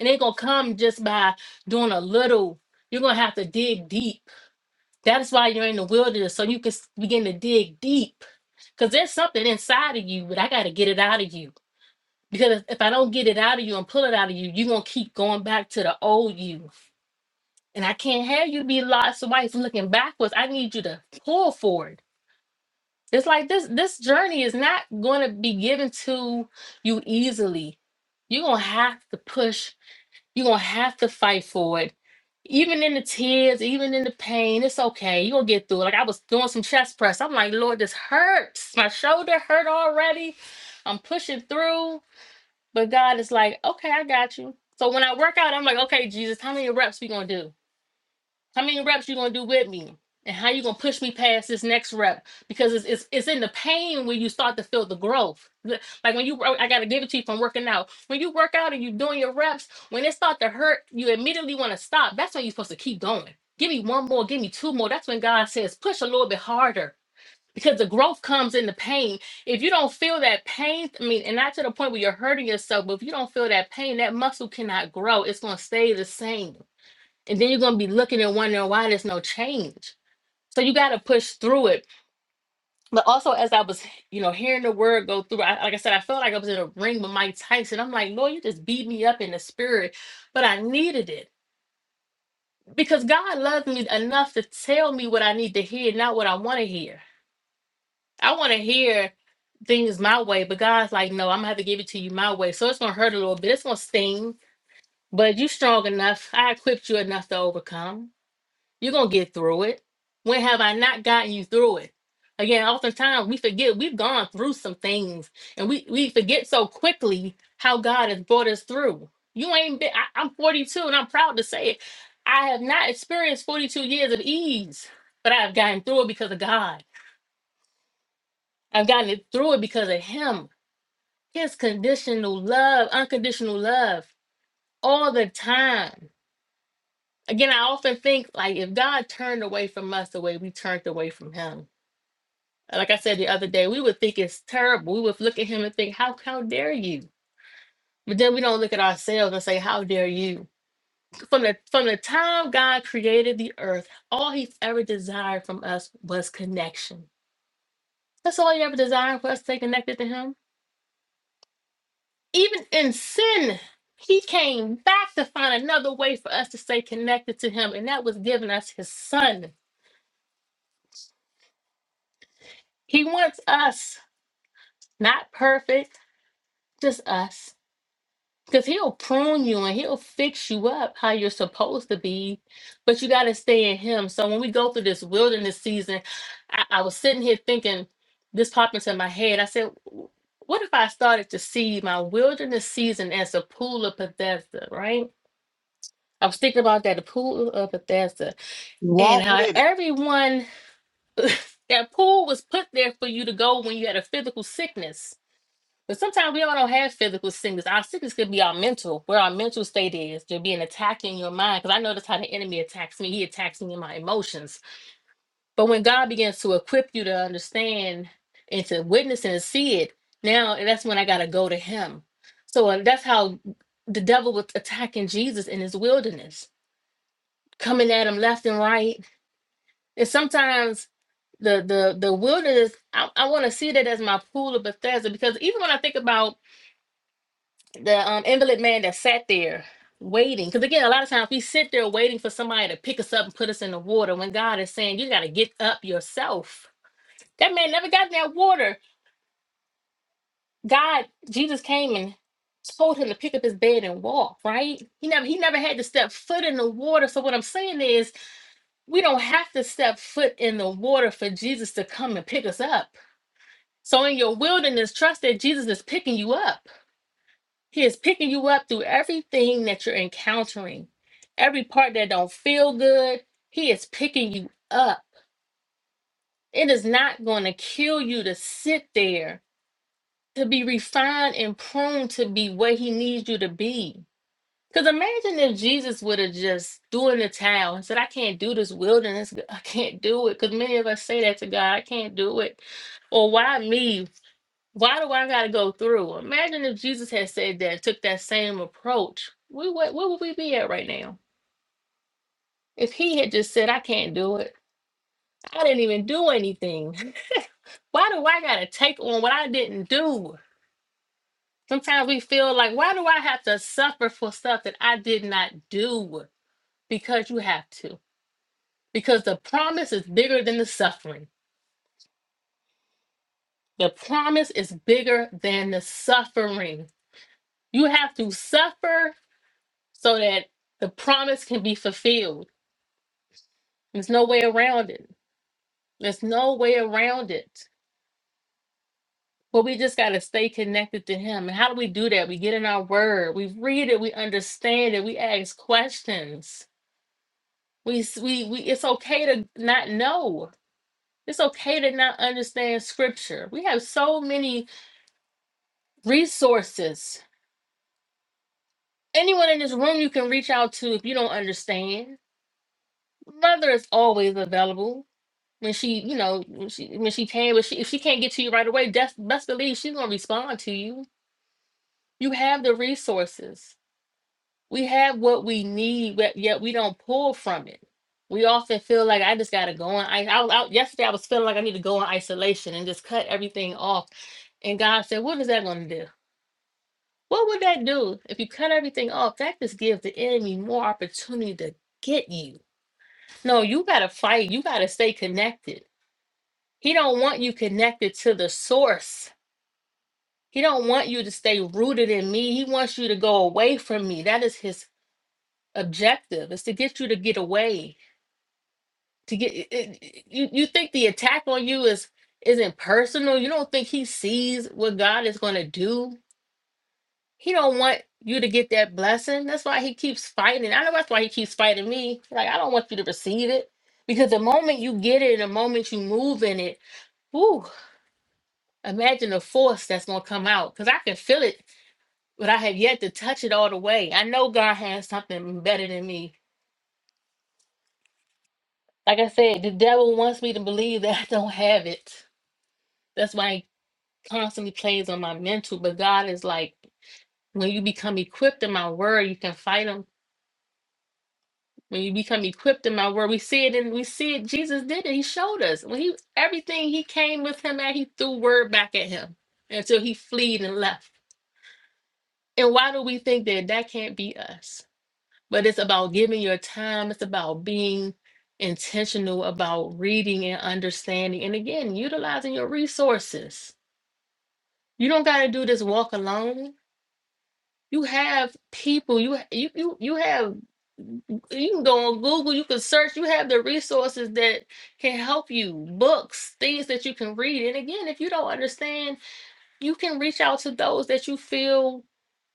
It ain't gonna come just by doing a little. You're gonna have to dig deep. That's why you're in the wilderness, so you can s- begin to dig deep. Cause there's something inside of you, but I gotta get it out of you. Because if I don't get it out of you and pull it out of you, you're gonna keep going back to the old you. And I can't have you be lost and wife looking backwards. I need you to pull forward. It's like this this journey is not gonna be given to you easily. You're gonna have to push, you're gonna have to fight for it. Even in the tears, even in the pain, it's okay. You're gonna get through it. Like I was doing some chest press. I'm like, Lord, this hurts. My shoulder hurt already. I'm pushing through but God is like, okay, I got you. So when I work out, I'm like, okay, Jesus, how many reps we gonna do? How many reps you gonna do with me? And how you gonna push me past this next rep? Because it's it's, it's in the pain when you start to feel the growth. The- Like when you, work- I gotta give it to you from working out. When you work out and you doing your reps, when it start to hurt, you immediately want to stop. That's when you're supposed to keep going. Give me one more, give me two more. That's when God says, push a little bit harder because the growth comes in the pain. If you don't feel that pain, I mean, and not to the point where you're hurting yourself, but if you don't feel that pain, that muscle cannot grow. It's going to stay the same. And then you're going to be looking and wondering why there's no change. So you got to push through it. But also, as I was, you know, hearing the word go through, I, like I said, I felt like I was in a ring with Mike Tyson. I'm like, Lord, you just beat me up in the spirit, but I needed it because God loves me enough to tell me what I need to hear, not what I want to hear. I want to hear things my way, but God's like, no, I'm gonna have to give it to you my way. So it's gonna hurt a little bit. It's gonna sting, but you strong enough. I equipped you enough to overcome. You're gonna get through it. When have I not gotten you through it? Again, oftentimes we forget we've gone through some things and we, we forget so quickly how God has brought us through. You ain't been, I, I'm 42 and I'm proud to say it. I have not experienced 42 years of ease, but I have gotten through it because of God. I've gotten it through it because of Him. His conditional love, unconditional love, all the time. Again, I often think like if God turned away from us the way we turned away from Him, like I said the other day, we would think it's terrible. We would look at Him and think, "How how dare you?" But then we don't look at ourselves and say, "How dare you?" From the from the time God created the earth, all He's ever desired from us was connection. That's all He ever desired for us to stay connected to Him even in sin, he came back to find another way for us to stay connected to him, and that was giving us his son. He wants us, not perfect, just us. Because he'll prune you and he'll fix you up how you're supposed to be, but you got to stay in him. So when we go through this wilderness season, I, I was sitting here thinking, this popped into my head. I said, "W- What if I started to see my wilderness season as a pool of Bethesda, right? I was thinking about that, the pool of Bethesda, and walk how with it. everyone [laughs] that pool was put there for you to go when you had a physical sickness. But sometimes we all don't have physical sickness. Our sickness could be our mental, where our mental state is. There'll be an attack in your mind. Because I notice how the enemy attacks me. He attacks me in my emotions. But when God begins to equip you to understand and to witness and see it, now that's when I got to go to Him. So uh, that's how the devil was attacking Jesus in his wilderness coming at them left and right. And sometimes the the the wilderness, I, I want to see that as my pool of Bethesda because even when I think about the um, invalid man that sat there waiting, because again, a lot of times we sit there waiting for somebody to pick us up and put us in the water when God is saying you got to get up yourself. That man never got in that water. God, Jesus came and told him to pick up his bed and walk. Right? He never he never had to step foot in the water. So what I'm saying is we don't have to step foot in the water for Jesus to come and pick us up. So in your wilderness, trust that Jesus is picking you up. He is picking you up through everything that you're encountering. Every part that don't feel good, he is picking you up. It is not going to kill you to sit there, to be refined and pruned to be what he needs you to be. Because imagine if Jesus would have just threw in the towel and said, I can't do this wilderness. [laughs] I can't do it. Because many of us say that to God, I can't do it. Or why me? Why do I got to go through? Imagine if Jesus had said that, took that same approach. We, what, where would we be at right now? If he had just said, I can't do it, I didn't even do anything. [laughs] Why do I got to take on what I didn't do? Sometimes we feel like, why do I have to suffer for stuff that I did not do? Because you have to because the promise is bigger than the suffering. The promise is bigger than the suffering. You have to suffer so that the promise can be fulfilled. There's no way around it. There's no way around it. But we just got to stay connected to Him. And how do we do that? We get in our Word, we read it, we understand it, we ask questions. We, s- we, we it's okay to not know. It's okay to not understand scripture. We have so many resources Anyone in this room you can reach out to if you don't understand. Mother is always available. When she, you know, when she when she can, but she, if she can't get to you right away, that's best believe she's gonna respond to you. You have the resources. We have what we need, but yet we don't pull from it. We often feel like I just gotta go on. I, I was out yesterday. I was feeling like I need to go in isolation and just cut everything off. And God said, "What is that gonna do? What would that do if you cut everything off? That just gives the enemy more opportunity to get you. No, you gotta fight. You gotta stay connected. He don't want you connected to the source. He don't want you to stay rooted in me. He wants you to go away from me. That is his objective. Is to get you to get away. To get it- it- it- you. You think the attack on you is isn't personal. You don't think he sees what God is gonna do He don't want you to get that blessing. That's why he keeps fighting. I know that's why he keeps fighting me. Like I don't want you to receive it because the moment you get it, and the moment you move in it, whoo! Imagine the force that's gonna come out because I can feel it, but I have yet to touch it all the way. I know God has something better than me. Like I said, the devil wants me to believe that [laughs] I don't have it. That's why he constantly plays on my mental. But God is like, when you become equipped in my word, you can fight him When you become equipped in my word, we see it and we see it. Jesus did it. He showed us. When he everything he came with him at, he threw word back at him until he fled and left. And why do we think that that can't be us? But it's about giving your time. It's about being intentional about reading and understanding. And again, utilizing your resources. You don't got to do this walk alone You have people. You you you you have you can go on Google, you can search, you have the resources that can help you, books, things that you can read. And again, if you don't understand, you can reach out to those that you feel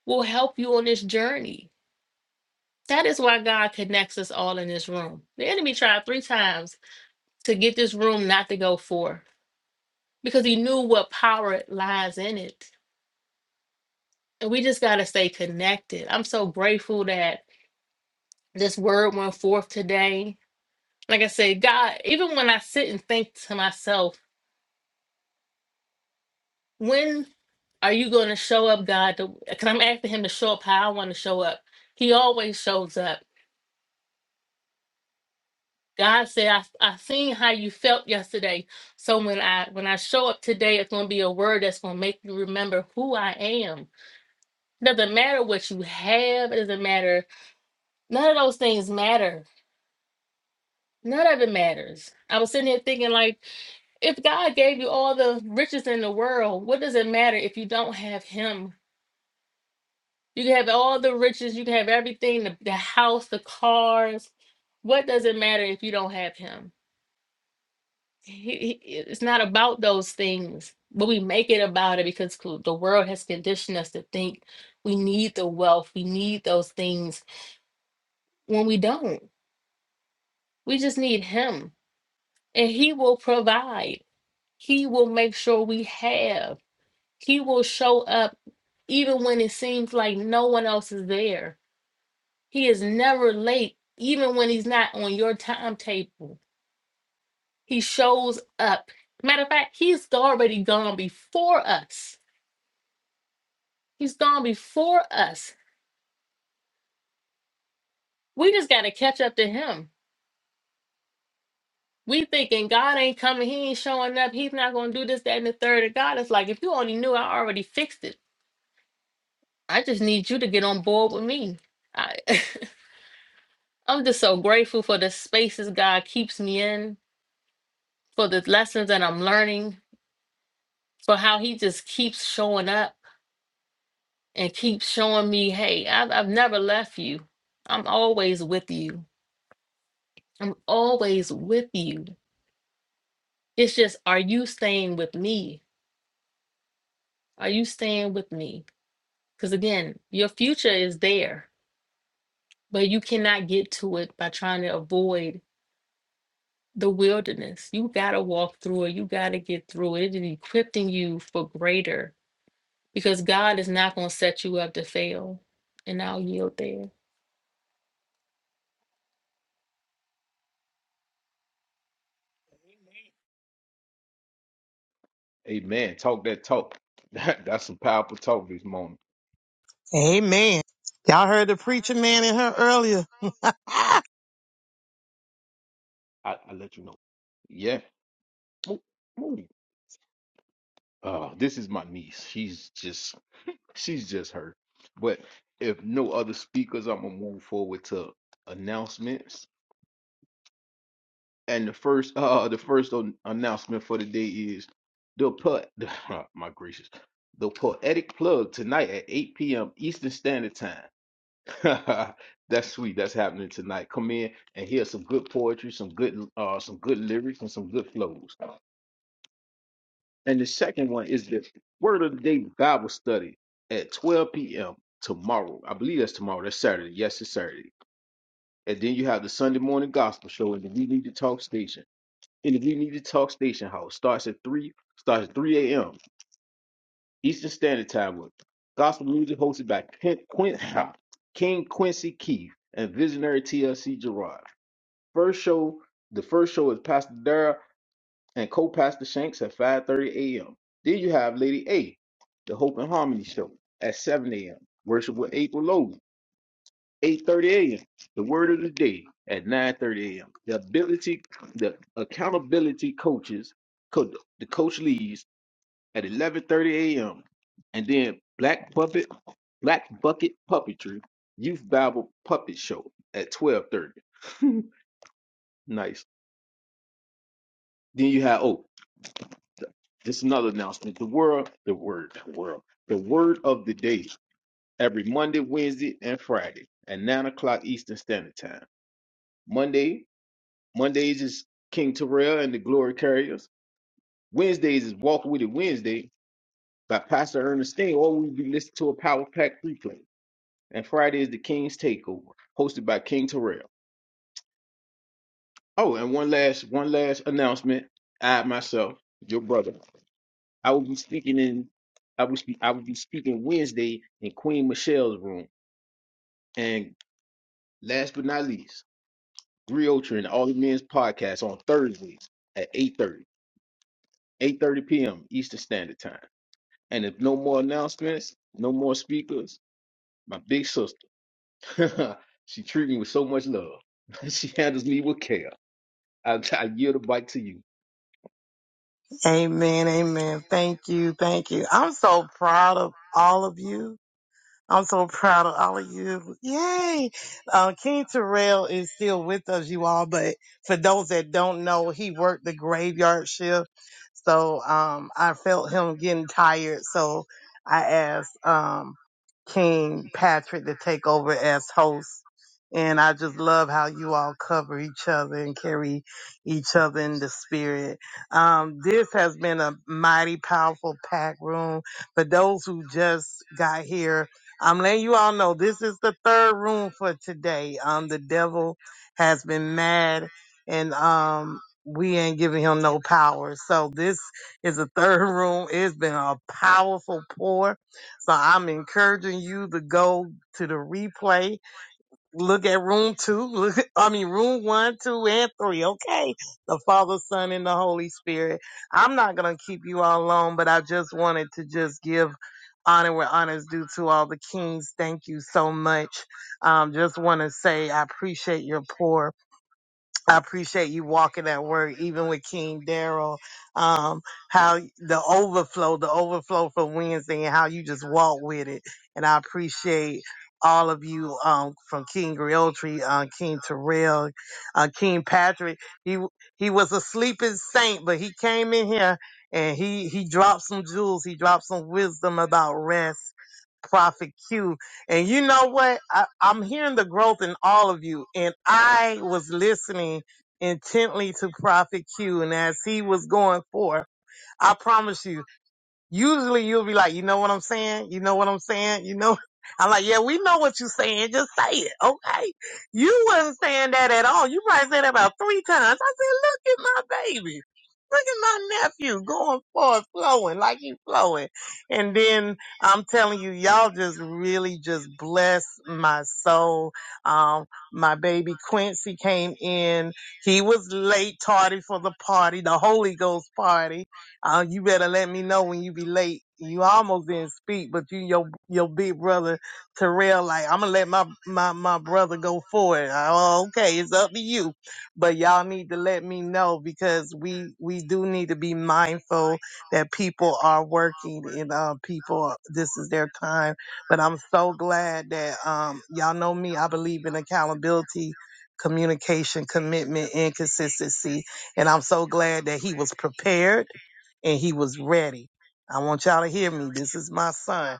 will help you on this journey. That is why God connects us all in this room. The enemy tried three times to get this room not to go forth because he knew what power lies in it. And we just got to stay connected. I'm so grateful that This word went forth today. Like I said, God, even when I sit and think to myself, when are you going to show up, God? Because I'm asking Him to show up how I want to show up. He always shows up. God said, I, I seen how you felt yesterday. So when I when I show up today, it's gonna be a word that's gonna make you remember who I am. It doesn't matter what you have, it doesn't matter. None of those things matter. None of it matters. I was sitting here thinking like If God gave you all the riches in the world, what does it matter if you don't have Him? You can have all the riches, you can have everything the, the house, the cars. What does it matter if you don't have Him? He- he- it's not about those things, but we make it about it because co- the world has conditioned us to think we need the wealth, we need those things when we don't. We just need Him, and He will provide, He will make sure we have. He will show up even when it seems like no one else is there. He is never late, even when he's not on your timetable. He shows up. Matter of fact, he's already gone before us. He's gone before us. We just got to catch up to him. We thinking God ain't coming, he ain't showing up, he's not going to do this, that, and the third. And God is like, if you only knew, I already fixed it. I just need you to get on board with me. I [laughs] I'm just so grateful for the spaces God keeps me in, for the lessons that I'm learning, for how He just keeps showing up and keeps showing me, hey, I've, I've never left you. I'm always with you. I'm always with you. It's just, are you staying with me? Are you staying with me? Because again, your future is there, but you cannot get to it by trying to avoid the wilderness. You got to walk through it. You got to get through it. It is equipping you for greater because God is not going to set you up to fail. And I'll yield there. Amen. Talk that talk. [laughs] That, that's some powerful talk this morning. Amen. Y'all heard the preacher man in her earlier. I, I let you know. Yeah. Move, move. Uh, this is my niece. She's just she's just her. But if no other speakers, I'm gonna move forward to announcements. And the first [laughs] uh the first an- announcement for the day is the put [laughs] my gracious the poetic plug tonight at 8 p.m. Eastern Standard Time. [laughs] That's sweet. That's happening tonight. Come in and hear some good poetry, some good uh some good lyrics and some good flows. And the second one is the Word of the Day Bible study at 12 p.m. tomorrow. I believe that's tomorrow. That's Saturday. Yes, it's Saturday. And then you have the Sunday morning gospel show in the We Need to Talk Station. And the We Need to Talk Station House starts at 3 starts at 3 a.m. Eastern Standard Time with gospel music hosted by Ken, Quin, [laughs] King Quincy Keith and visionary TLC Gerard. First show, the first show is Pastor Dara and co-pastor Shanks at 5:30 a.m. Then you have Lady A, the Hope and Harmony show at 7 a.m. Worship with April Logan, 8:30 a.m. The Word of the Day at 9:30 a.m. The ability, the accountability coaches, co- the coach leads at 11:30 a.m. And then Black Puppet, Black Bucket Puppetry Youth Bible Puppet Show at 12:30. [laughs] nice. Then you have oh Just another announcement. The world, the word, the world, the word of the day every Monday, Wednesday, and Friday at nine o'clock Eastern Standard Time. Monday, Mondays is King Terrell and the Glory Carriers. Wednesdays is Walk With It Wednesday by Pastor Ernestine, or we'll be listening to a Power Pack replay. And Friday is the King's Takeover, hosted by King Terrell. Oh, and one last, one last announcement. I myself, your brother. I will be speaking in I will speak I will be speaking Wednesday in Queen Michelle's room. And last but not least, Griotra and All the Men's podcast on Thursdays at 8:30, 8:30 p.m. Eastern Standard Time. And if no more announcements, no more speakers, my big sister. [laughs] she treats me with so much love. [laughs] she handles me with care. I, I yield the bike to you. Amen. Amen. Thank you. Thank you. I'm so proud of all of you. I'm so proud of all of you. Yay. Uh, King Terrell is still with us, you all, but for those that don't know, he worked the graveyard shift. So um, I felt him getting tired. So I asked um, King Patrick to take over as host. And I just love how you all cover each other and carry each other in the spirit. Um, this has been a mighty powerful pack room. For those who just got here, I'm letting you all know this is the third room for today. Um, the devil has been mad, and um, we ain't giving him no power. So this is the third [laughs] room. It's been a powerful pour. So I'm encouraging you to go to the replay Look at room two. Look, [laughs] I mean, room one, two, and three. Okay. The Father, Son, and the Holy Spirit. I'm not going to keep you all alone, but I just wanted to just give honor where honor is due to all the kings. Thank you so much. Um, just want to say I appreciate your pour. I appreciate you walking that word, even with King Daryl. Um, how the overflow, the overflow for Wednesday, and how you just walk with it. And I appreciate all of you, um, from King Griotri, uh, King Terrell, uh, King Patrick. He he was a sleeping saint, but he came in here and he he dropped some jewels. He dropped some wisdom about rest. Prophet Q. And you know what? I, I'm hearing the growth in all of you. And I was listening intently to Prophet Q. And as he was going forth, I promise you. Usually you'll be like, you know what I'm saying? You know what I'm saying? You know, [laughs] I'm like, yeah, we know what you're saying. Just say it. Okay. You wasn't saying that at all. You probably said that about three times. I said, look at my baby. Look at my nephew going forward, flowing like he flowing. And then I'm telling you, y'all just really just bless my soul. Um, my baby Quincy came in. He was late, tardy for the party, the Holy Ghost party Oh, you better let me know when you be late. You almost didn't speak, but you your your big brother Terrell like I'm gonna let my my my brother go for it. Oh, okay, it's up to you, but y'all need to let me know because we we do need to be mindful that people are working and uh, people this is their time. But I'm so glad that um y'all know me. I believe in accountability, communication, commitment, and consistency, and I'm so glad that he was prepared and he was ready. I want y'all to hear me. This is my son.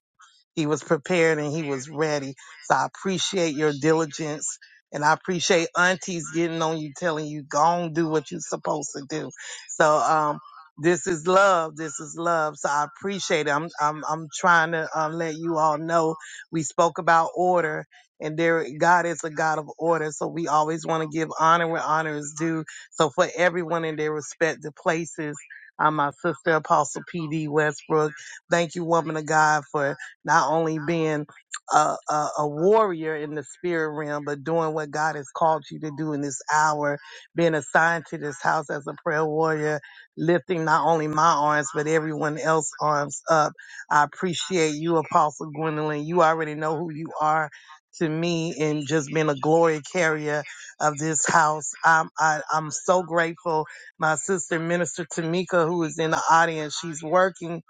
He was prepared and he was ready. So I appreciate your diligence. And I appreciate aunties getting on you, telling you, go on, do what you're supposed to do. So, um, this is love. This is love. So I appreciate it. I'm, I'm, I'm trying to uh, let you all know we spoke about order and there, God is a God of order. So we always want to give honor where honor is due. So for everyone in their respective places, I'm my sister, Apostle PD Westbrook. Thank you, woman of God, for not only being a, a, a warrior in the spirit realm, but doing what God has called you to do in this hour, being assigned to this house as a prayer warrior, lifting not only my arms, but everyone else's arms up. I appreciate you, Apostle Gwendolyn. You already know who you are to me and just being a glory carrier of this house. I'm, I, I'm so grateful. My sister, Minister Tamika, who is in the audience, she's working.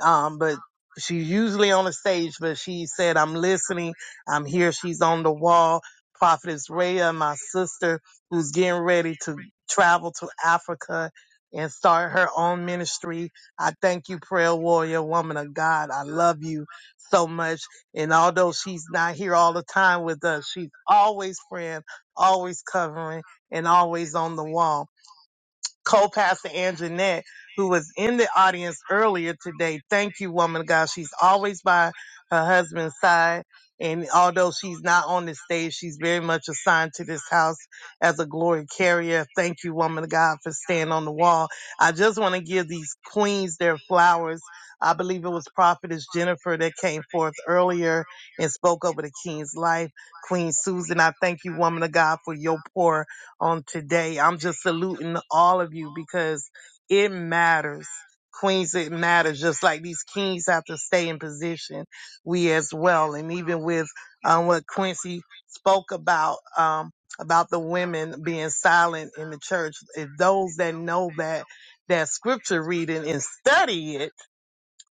Um, but She's usually on the stage, but she said, I'm listening. I'm here. She's on the wall. Prophetess Rhea, my sister, who's getting ready to travel to Africa and start her own ministry. I thank you, prayer warrior, woman of God. I love you so much. And although she's not here all the time with us, she's always praying, always covering, and always on the wall co-pastor Anjanette, who was in the audience earlier today. Thank you, woman of God. She's always by her husband's side. And although she's not on the stage, she's very much assigned to this house as a glory carrier. Thank you, woman of God, for staying on the wall. I just want to give these queens their flowers. I believe it was Prophetess Jennifer that came forth earlier and spoke over the king's life. Queen Susan, I thank you, woman of God, for your pour on today. I'm just saluting all of you because it matters. Queens, it matters. Just like these kings have to stay in position, we as well. And even with um, what Quincy spoke about, um, about the women being silent in the church, if those that know that, that scripture reading and study it,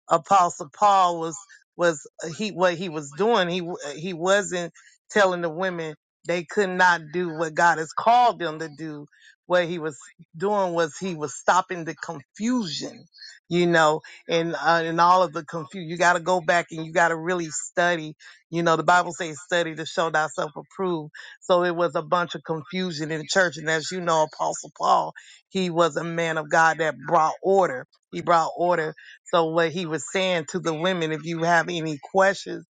Apostle Paul was was uh, he what he was doing. He he wasn't telling the women they could not do what God has called them to do. What he was doing was he was stopping the confusion, you know, and uh, and all of the confusion. You got to go back and you got to really study. You know, the Bible says study to show thyself approved. So it was a bunch of confusion in the church, and as you know, Apostle Paul, he was a man of God that brought order. He brought order so what he was saying to the women, if you have any questions,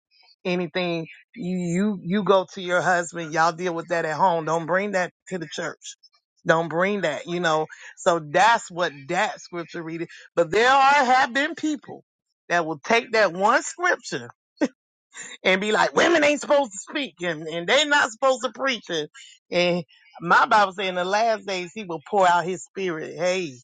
anything, you you you go to your husband. Y'all deal with that at home. Don't bring that to the church. Don't bring that, you know. So that's what that scripture reading. But there are have been people that will take that one scripture and be like, women ain't supposed to speak and, and they not supposed to preach. it. and my Bible say in the last days he will pour out his spirit. Hey,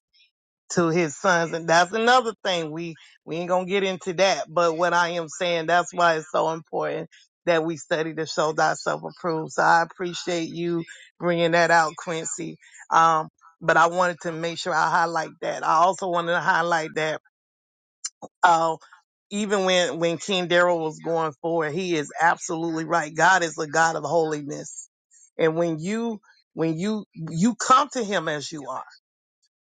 to his sons. And that's another thing. We we ain't gonna get into that. But what I am saying, that's why it's so important that we study to show thyself approved. So I appreciate you bringing that out, Quincy. Um, but I wanted to make sure I highlight that. I also wanted to highlight that. Uh, even when when King Daryl was going forward, he is absolutely right. God is a God of holiness, and when you when you you come to Him as you are.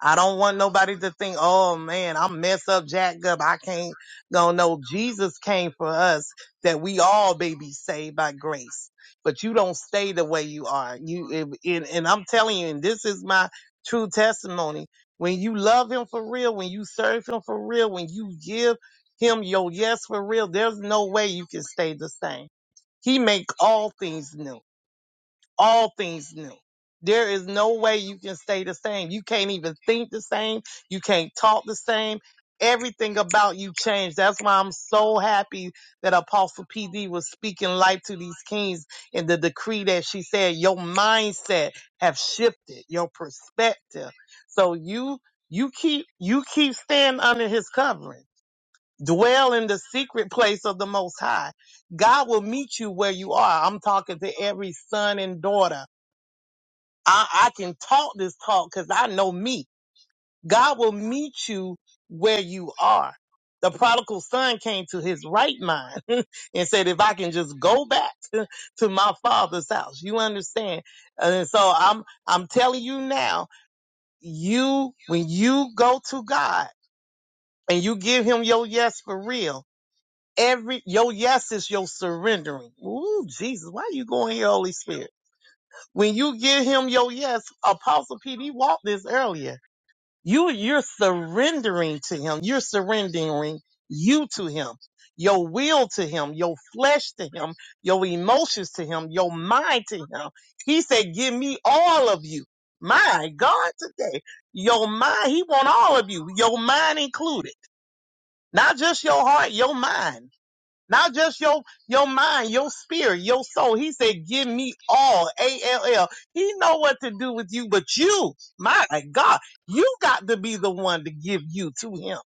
I don't want nobody to think, oh man, I'm mess up, jacked up. I can't go. No, Jesus came for us that we all may be saved by grace. But you don't stay the way you are. You and, and and I'm telling you, and this is my true testimony. When you love Him for real, when you serve Him for real, when you give Him your yes for real, there's no way you can stay the same. He make all things new all things new. There is no way you can stay the same. You can't even think the same. You can't talk the same. Everything about you changed. That's why I'm so happy that Apostle PD was speaking life to these kings in the decree that she said, your mindset have shifted, your perspective. So you, you keep, you keep staying under his covering. Dwell in the secret place of the most high. God will meet you where you are. I'm talking to every son and daughter I, I can talk this talk because I know me. God will meet you where you are. The prodigal son came to his right mind [laughs] and said, if I can just go back [laughs] to, my father's house, you understand? And so I'm, I'm telling you now, you, when you go to God and you give him your yes for real, every, your yes is your surrendering. Ooh, Jesus, why are you going here, Holy Spirit? When you give him your yes, Apostle P.D. walked this earlier You you're surrendering to him. You're surrendering you to him. Your will to him, your flesh to him, your emotions to him, your mind to him. He said, "Give me all of you." My God, today, your mind, he want all of you, your mind included. Not just your heart, your mind. Not just your your mind, your spirit, your soul. He said, "Give me all." A L L. He know what to do with you, but you, my God, you got to be the one to give you to Him.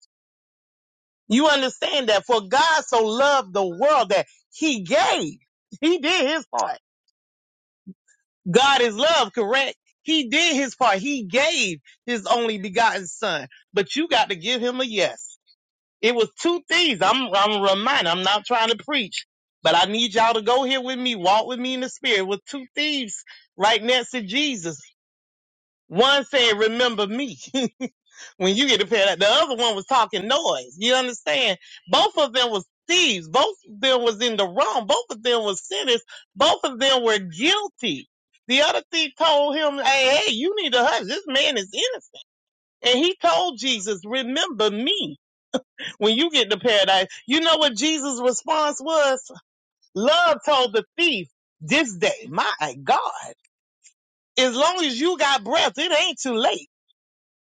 You understand that? For God so loved the world that He gave. He did His part. God is love, correct? He did His part. He gave His only begotten Son, but you got to give Him a yes. It was two things. I'm I'm reminded. I'm not trying to preach, but I need y'all to go here with me, walk with me in the spirit. With two thieves right next to Jesus. One said, "Remember me." [laughs] when you get to pair that, the other one was talking noise. You understand? Both of them was thieves. Both of them was in the wrong. Both of them was sinners. Both of them were guilty. The other thief told him, "Hey, hey, you need to hush. This man is innocent." And he told Jesus, "Remember me." when you get to paradise, you know what Jesus' response was? Love told the thief this day, my God, as long as you got breath, it ain't too late.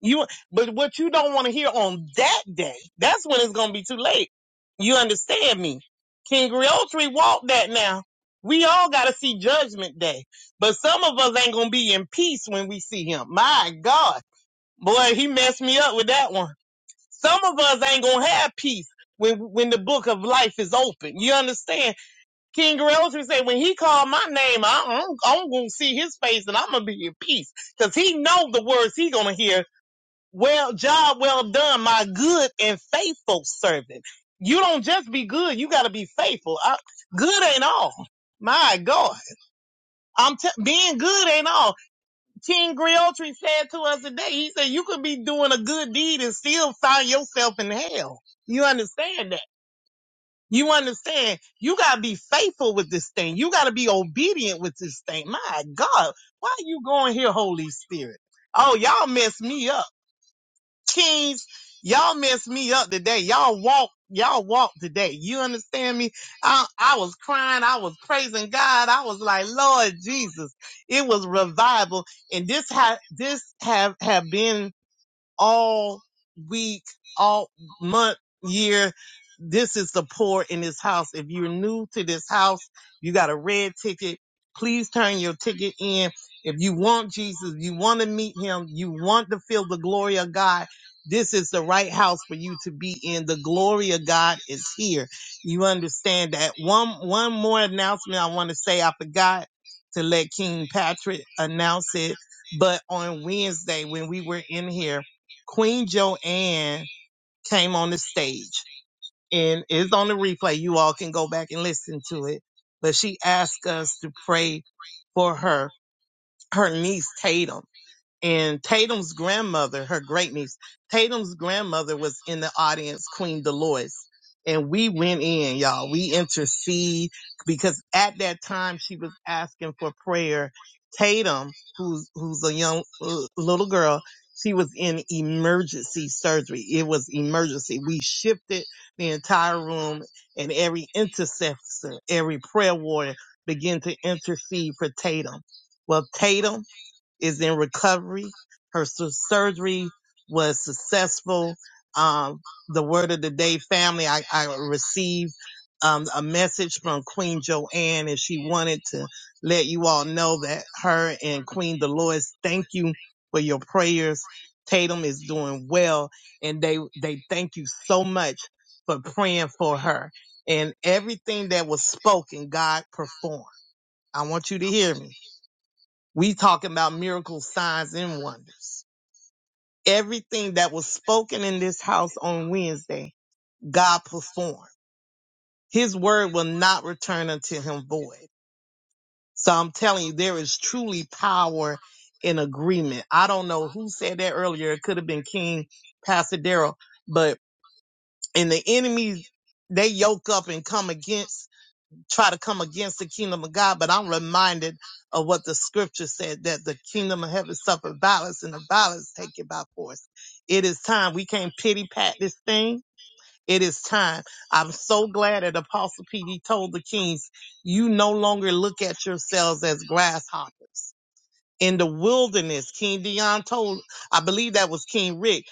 You, but what you don't want to hear on that day, that's when it's going to be too late. You understand me? King Realtree walked that now. We all got to see judgment day, but some of us ain't going to be in peace when we see him. My God, boy, he messed me up with that one. Some of us ain't gonna have peace when when the book of life is open. You understand? King Realtor said, when he called my name, I, I'm, I'm gonna see his face and I'm gonna be in peace because he know the words he gonna hear. Well, job well done, my good and faithful servant. You don't just be good; you gotta be faithful. I, good ain't all. My God, I'm t- being good ain't all. King Griotri said to us today, he said, you could be doing a good deed and still find yourself in hell. You understand that? You understand? You gotta be faithful with this thing. You gotta be obedient with this thing. My God, why are you going here, Holy Spirit? Oh, y'all messed me up. Kings, y'all messed me up today. Y'all walk, y'all walk today. You understand me? I, I was crying. I was praising God. I was like, Lord Jesus, it was revival. And this ha, this have, have been all week, all month, year. This is the poor in this house. If you're new to this house, you got a red ticket. Please turn your ticket in. If you want Jesus, you want to meet him, you want to feel the glory of God, this is the right house for you to be in. The glory of God is here. You understand that. One one more announcement I want to say. I forgot to let King Patrick announce it, but on Wednesday when we were in here, Queen Joanne came on the stage and it's on the replay. You all can go back and listen to it. But she asked us to pray for her, her niece Tatum. And Tatum's grandmother, her great niece, Tatum's grandmother was in the audience, Queen Dolores. And we went in, y'all. We intercede because at that time she was asking for prayer. Tatum, who's, who's a young uh, little girl, she was in emergency surgery. It was emergency. We shifted the entire room and every intercessor, every prayer warrior began to intercede for Tatum. Well, Tatum, is in recovery. Her su- surgery was successful. Um, the word of the day, family, I, I received um, a message from Queen Joanne, and she wanted to let you all know that her and Queen Dolores, thank you for your prayers. Tatum is doing well, and they they thank you so much for praying for her. And everything that was spoken, God performed. I want you to hear me we talking about miracles, signs, and wonders. Everything that was spoken in this house on Wednesday, God performed. His word will not return unto him void. So I'm telling you, there is truly power in agreement. I don't know who said that earlier. It could have been King Pastor Darrell, but in the enemies, they yoke up and come against try to come against the kingdom of God, but I'm reminded of what the scripture said that the kingdom of heaven suffered violence and the violence take it by force. It is time. We can't pity pat this thing. It is time. I'm so glad that Apostle PD told the kings, you no longer look at yourselves as grasshoppers. In the wilderness, King Dion told, I believe that was King Rick,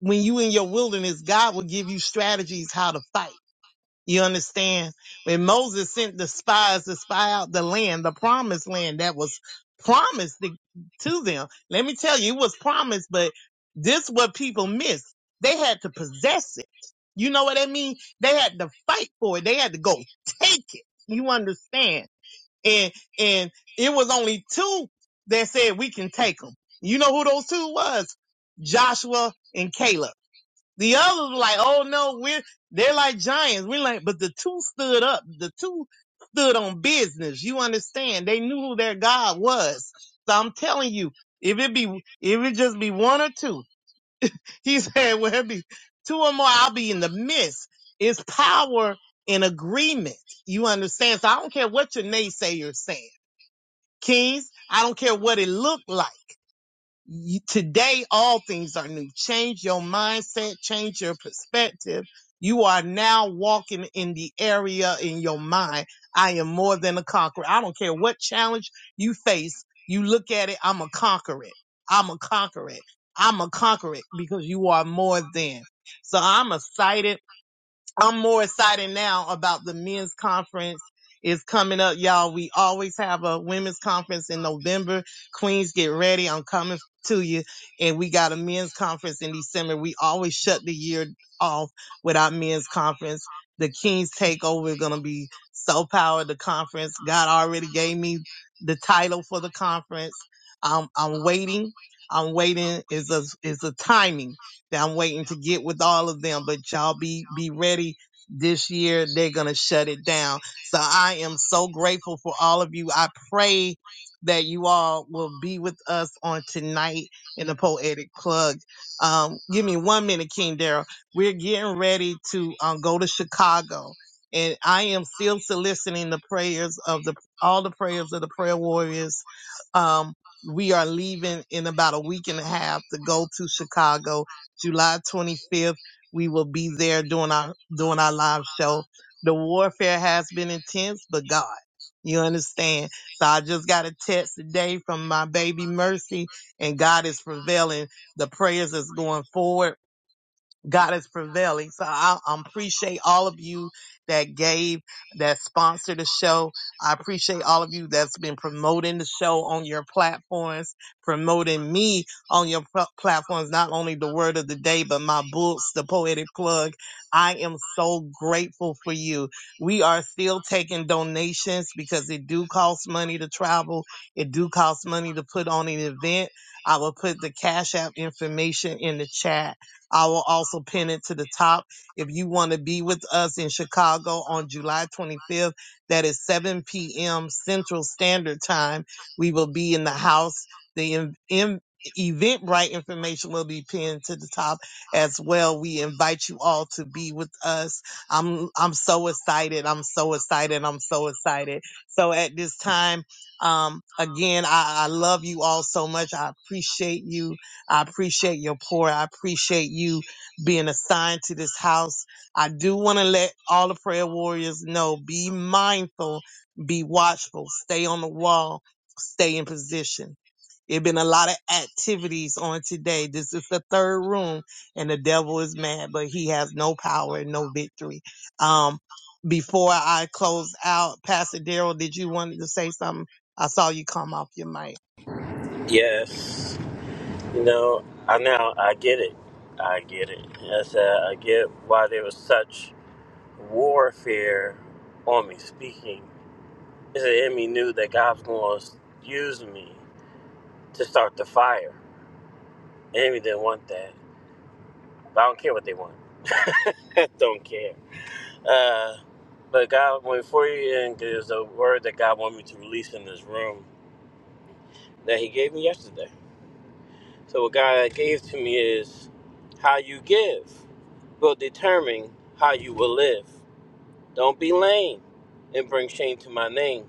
when you in your wilderness, God will give you strategies how to fight you understand? When Moses sent the spies to spy out the land, the promised land that was promised to, to them. Let me tell you, it was promised, but this what people missed. They had to possess it. You know what I mean? They had to fight for it. They had to go take it. You understand? And and it was only two that said we can take them. You know who those two was? Joshua and Caleb. The others were like, oh no, we're, they're like giants. We're like, but the two stood up. The two stood on business. You understand? They knew who their God was. So I'm telling you, if it be, if it just be one or two, [laughs] he said, well, it be two or more, I'll be in the midst. It's power in agreement. You understand? So I don't care what your naysayers saying. Kings, I don't care what it looked like you, today all things are new. Change your mindset, change your perspective. You are now walking in the area in your mind. I am more than a conqueror. I don't care what challenge you face. You look at it, I'm a conqueror. I'm a conqueror. I'm a conqueror because you are more than. So I'm excited I'm more excited now about the men's conference is coming up, y'all. We always have a women's conference in November. Queens, get ready. I'm coming to you. And we got a men's conference in December. We always shut the year off with our men's conference. The Kings Takeover is going to be so powered. The conference, God already gave me the title for the conference. Um, I'm waiting. I'm waiting is a, is a timing that I'm waiting to get with all of them. But y'all be be ready. This year they're gonna shut it down. So I am so grateful for all of you. I pray that you all will be with us on tonight in the poetic plug. Um, give me one minute, King Daryl. We're getting ready to um, go to Chicago, and I am still soliciting the prayers of the all the prayers of the prayer warriors um, we are leaving in about a week and a half to go to Chicago July 25th. We will be there doing our doing our live show. The warfare has been intense, but God, you understand. So I just got a text today from my baby Mercy, and God is prevailing. The prayers is going forward. God is prevailing. So I, I appreciate all of you that gave, that sponsored the show. I appreciate all of you that's been promoting the show on your platforms, promoting me on your pl- platforms, not only the word of the day, but my books, The Poetic Plug. I am so grateful for you. We are still taking donations because it do cost money to travel. It do cost money to put on an event. I will put the Cash App information in the chat I will also pin it to the top. If you want to be with us in Chicago on July 25th, that is 7 p.m. Central Standard Time. We will be in the house. The in, in, Eventbrite information will be pinned to the top as well. We invite you all to be with us. I'm I'm so excited. I'm so excited. I'm so excited. So at this time, um, again, I, I love you all so much. I appreciate you. I appreciate your pour. I appreciate you being assigned to this house. I do want to let all the prayer warriors know be mindful, be watchful, stay on the wall, stay in position. There been a lot of activities on today. This is the third room, and the devil is mad, but he has no power and no victory. Um, before I close out, Pastor Daryl, did you want to say something? I saw you come off your mic. Yes, you know, I now I get it. I get it. Yes, I, said I get why there was such warfare on me speaking. Is the enemy knew that God was going to use me to start the fire. The enemy didn't want that, but I don't care what they want. [laughs] I don't care. Uh, but God went for you, and there's a word that God wanted me to release in this room that He gave me yesterday. So what God gave to me is how you give. will determine how you will live. Don't be lame and bring shame to my name.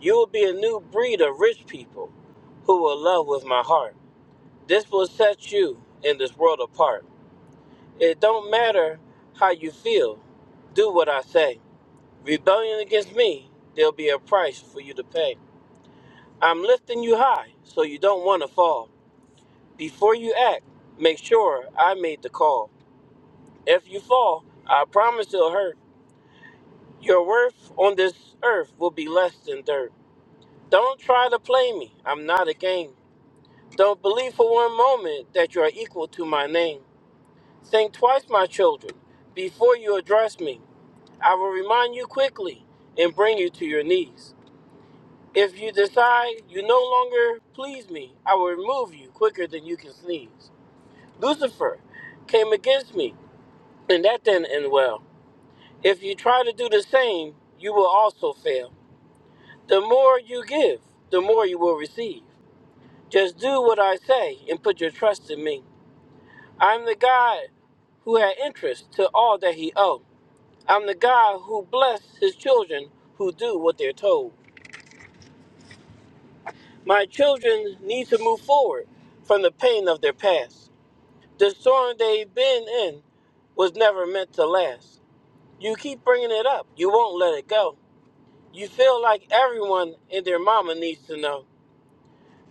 You will be a new breed of rich people who will love with my heart. This will set you in this world apart. It don't matter how you feel, do what I say. Rebellion against me, there'll be a price for you to pay. I'm lifting you high so you don't want to fall. Before you act, make sure I made the call. If you fall, I promise it'll hurt Your worth on this earth will be less than dirt. Don't try to play me, I'm not a game. Don't believe for one moment that you are equal to my name. Think twice, my children, before you address me. I will remind you quickly and bring you to your knees. If you decide you no longer please me, I will remove you quicker than you can sneeze. Lucifer came against me, and that didn't end well. If you try to do the same, you will also fail. The more you give, the more you will receive. Just do what I say and put your trust in me. I'm the God who had interest to all that he owed. I'm the God who blessed his children who do what they're told. My children need to move forward from the pain of their past. The storm they've been in was never meant to last. You keep bringing it up, you won't let it go. You feel like everyone and their mama needs to know.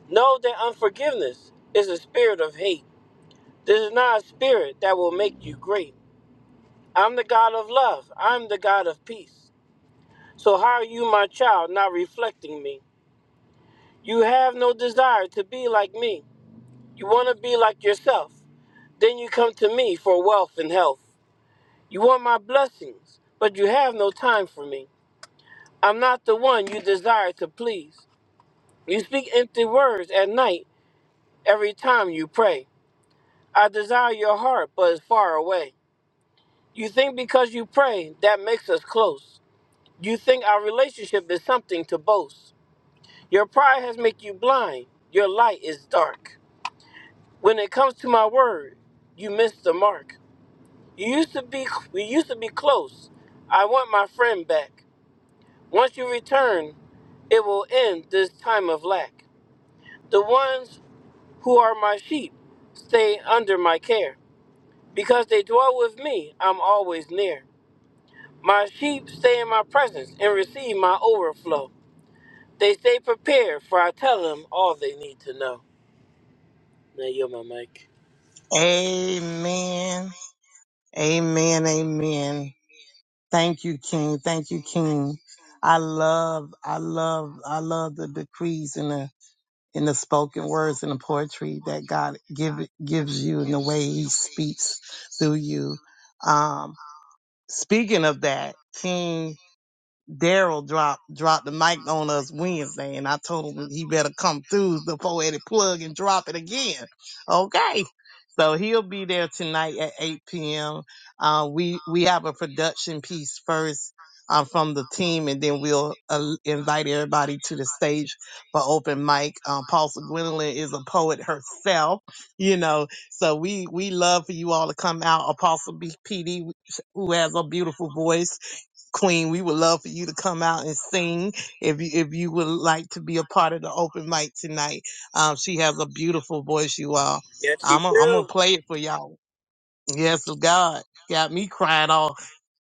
Know that unforgiveness is a spirit of hate. This is not a spirit that will make you great. I'm the God of love. I'm the God of peace. So how are you, my child, not reflecting me? You have no desire to be like me. You want to be like yourself. Then you come to me for wealth and health. You want my blessings, but you have no time for me. I'm not the one you desire to please. You speak empty words at night every time you pray. I desire your heart, but it's far away. You think because you pray, that makes us close. You think our relationship is something to boast. Your pride has made you blind. Your light is dark. When it comes to my word, you missed the mark. You used to be we used to be close. I want my friend back. Once you return, it will end this time of lack. The ones who are my sheep stay under my care. Because they dwell with me, I'm always near. My sheep stay in my presence and receive my overflow. They stay prepared, for I tell them all they need to know. Now you're my mic. Amen. Amen. Amen. Thank you, King. Thank you, King. I love, I love, I love the decrees and the in the spoken words and the poetry that God give gives you and the way He speaks through you. Um, speaking of that, King. Daryl dropped dropped the mic on us Wednesday, and I told him he better come through the poetic plug and drop it again. Okay, so he'll be there tonight at 8 p.m. Uh, we we have a production piece first uh, from the team, and then we'll uh, invite everybody to the stage for open mic. Uh, Paulson Gwendolyn is a poet herself, you know, so we we love for you all to come out. Apostle BPD who has a beautiful voice. Queen, we would love for you to come out and sing if you, if you would like to be a part of the open mic tonight. Um, she has a beautiful voice, you all. Yes, you I'm gonna I'm gonna do. play it for y'all. Yes, God got me crying all,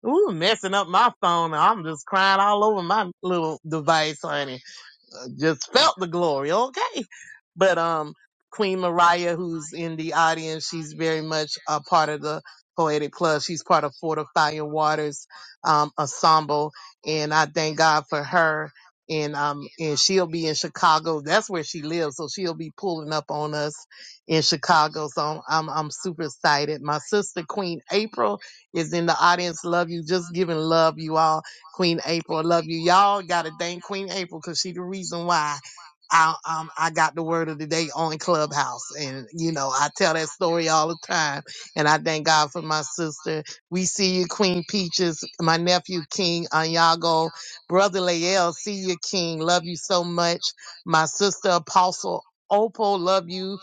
ooh, messing up my phone. I'm just crying all over my little device, honey just felt the glory. Okay. But um Queen Mariah, who's in the audience, she's very much a part of the Poetic Club. She's part of Fortifying Waters um ensemble. And I thank God for her. And um and she'll be in Chicago. That's where she lives. So she'll be pulling up on us in Chicago. So I'm I'm, I'm super excited. My sister Queen April is in the audience. Love you. Just giving love you all. Queen April. I love you. Y'all gotta thank Queen April because she the reason why I um I got the word of the day on Clubhouse. And you know, I tell that story all the time. And I thank God for my sister. We see you, Queen Peaches, my nephew King Anyago, brother Lael, see you, King. Love you so much. My sister Apostle Opal, love you.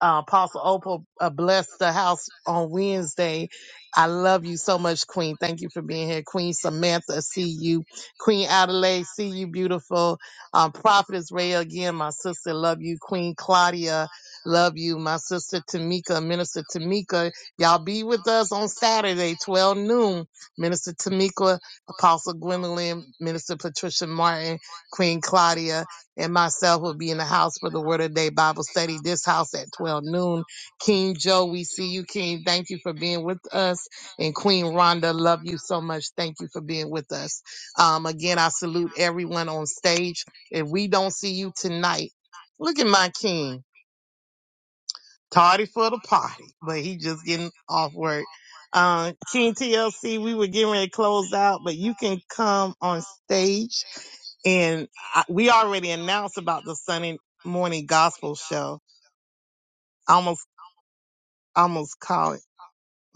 Uh, Apostle Opal uh, blessed the house on Wednesday. I love you so much, Queen. Thank you for being here. Queen Samantha, see you. Queen Adelaide, see you, beautiful. Um, Prophetess Ray, again, my sister, love you. Queen Claudia, love you. My sister Tamika, Minister Tamika, y'all be with us on Saturday, 12 noon. Minister Tamika, Apostle Gwendolyn, Minister Patricia Martin, Queen Claudia and myself will be in the house for the Word of the Day Bible study. This house at 12 noon. King Joe, we see you, King. Thank you for being with us. And Queen Rhonda, love you so much. Thank you for being with us. Um, again, I salute everyone on stage. If we don't see you tonight, look at my King. Tardy for the party, but he just getting off work. Uh, King TLC, we were getting ready to close out, but you can come on stage and I, we already announced about the Sunday morning gospel show. I almost almost called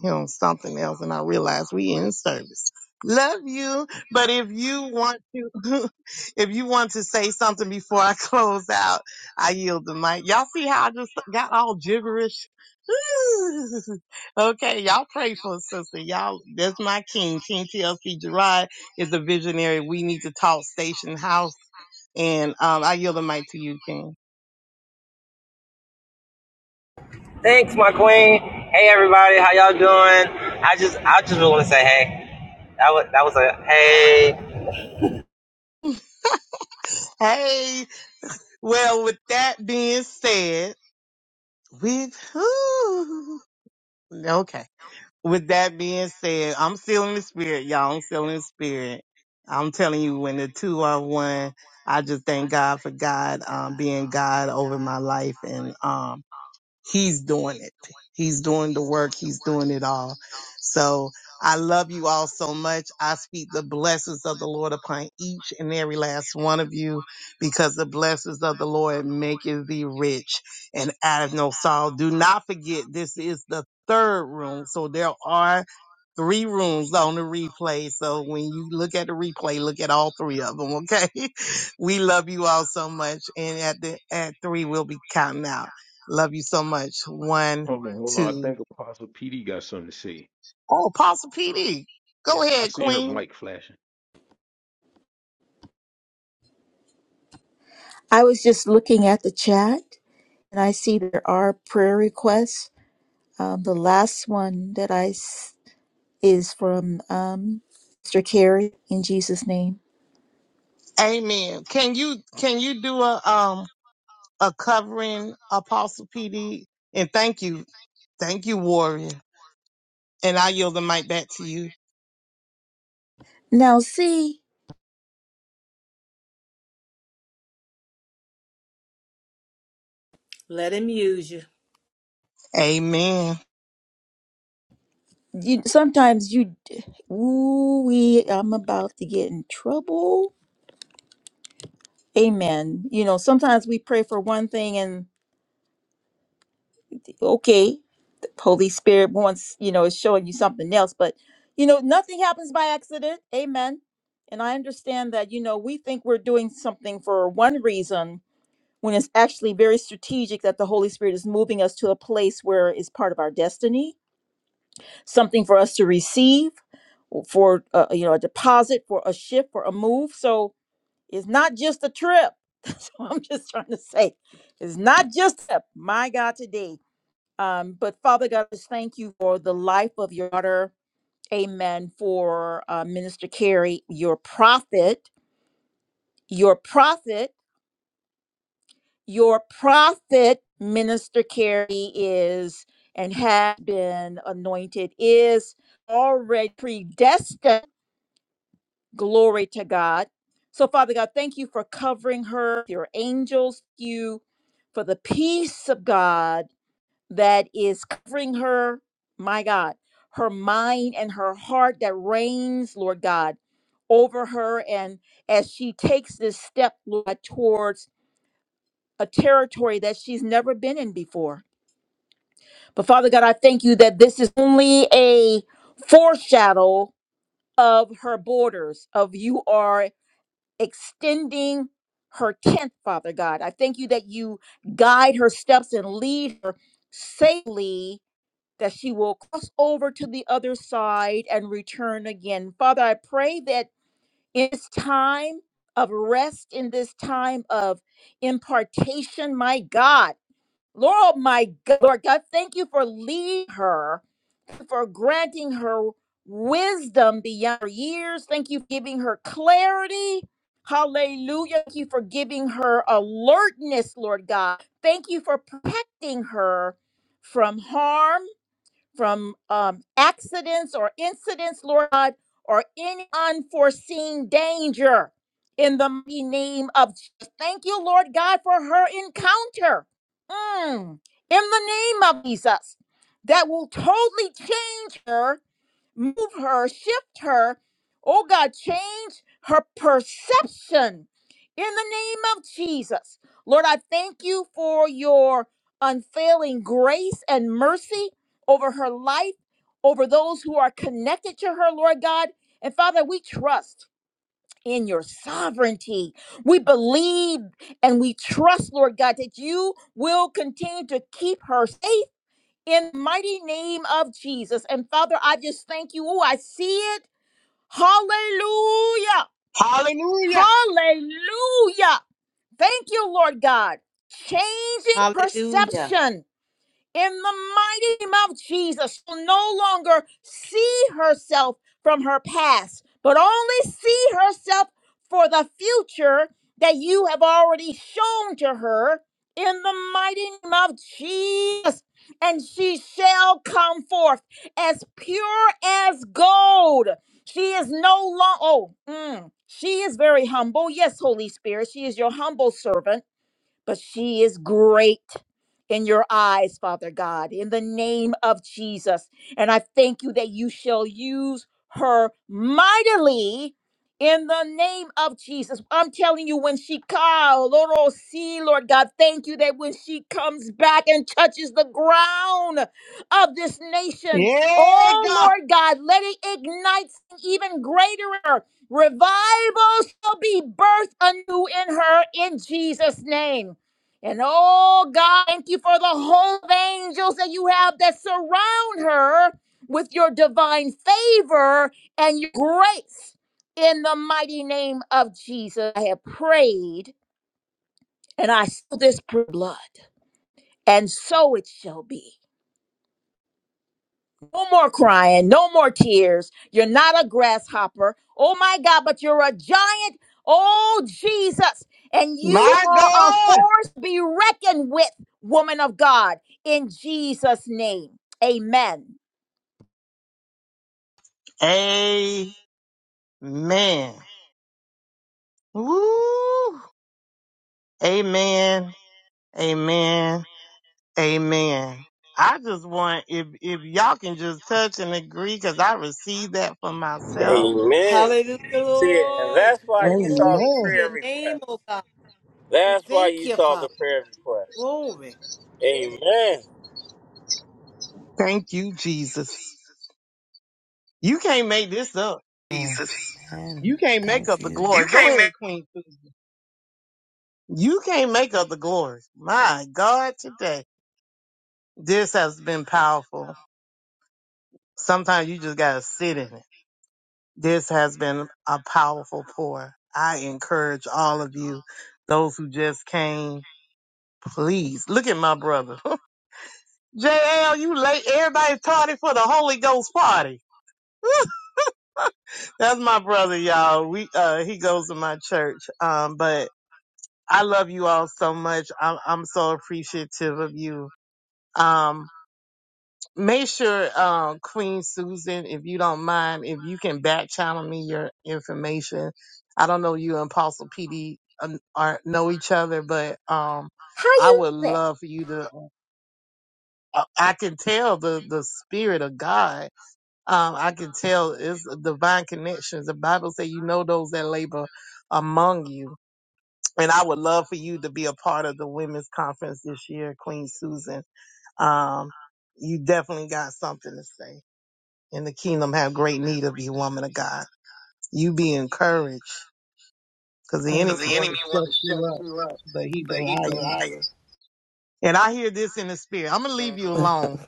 him something else, and I realized we in service. Love you, but if you want to, [laughs] if you want to say something before I [laughs] close out, I yield the mic. Y'all see how I just got all gibberish? [laughs] okay, y'all pray for us, sister. Y'all, that's my king. King TLC Gerard is a visionary. We need to talk station house, and um, I yield the mic to you, King. Thanks, my queen. Hey, everybody, how y'all doing? I just, I just want to say, hey, that was, that was a hey. Hey, well, with that being said, with who? Okay. With that being said, I'm still in the spirit, y'all. I'm still in the spirit. I'm telling you, when the two are one, I just thank God for God um, being God over my life, and um he's doing it. He's doing the work. He's doing it all. So I love you all so much. I speak the blessings of the Lord upon each and every last one of you because the blessings of the Lord maketh thee rich and out of no sorrow. Do not forget, this is the third room. So there are three rooms on the replay. So when you look at the replay, look at all three of them. Okay. [laughs] We love you all so much. And at the, at three, we'll be counting out. Love you so much. One, Hold on, hold on. I two. think Apostle PD got something to say. Oh, Apostle PD. Yeah, Go I ahead, seen her Queen. mic flashing. Amen. Can you can you do a um a covering Apostle PD? And thank you, thank you, Warrior. And I yield the mic back to you. Let him use you. Amen. Hallelujah. Hallelujah. Yeah, God. My God. Amen. Woo. Amen. Amen. Amen. I just want if if y'all can just touch and agree because I received that for myself. Amen. Hallelujah, See, and Lord. that's why you saw the Glory to Amen. prayer your name, request. oh God. We That's why thank you you, saw the Father. prayer request. Glory. Amen. Thank you, Jesus. You can't make this up. Jesus. Amen. You can't make up Thank the you. glory. You Go can't. ahead, Queen. You can't make up the glory. My God, today this has been powerful. Sometimes you just gotta sit in it. This has been a powerful pour. I encourage all of you, those who just came. Please look at my brother. JL, you late. Everybody's tardy for the Holy Ghost party. That's my brother, y'all. We uh he goes to my church. Um, but I love you all so much. I'm I'm so appreciative of you. Um, make sure, um, Queen Susan, if you don't mind, if you can back channel me your information. I don't know you and Apostle PD um, are know each other, but um, I would love for you to. I I can tell the the spirit of God Um, I can tell it's divine connections. The Bible says, you know those that labor among you. And I would love for you to be a part of the women's conference this year, Queen Susan. Um, you definitely got something to say. And the kingdom have great need of you, woman of God. You be encouraged because the enemy Because the want enemy to shut wants to you shut up, you up, but he's a but he's a liar. liar. And I hear this in the spirit. I'm going to leave you Yes. [laughs] alone,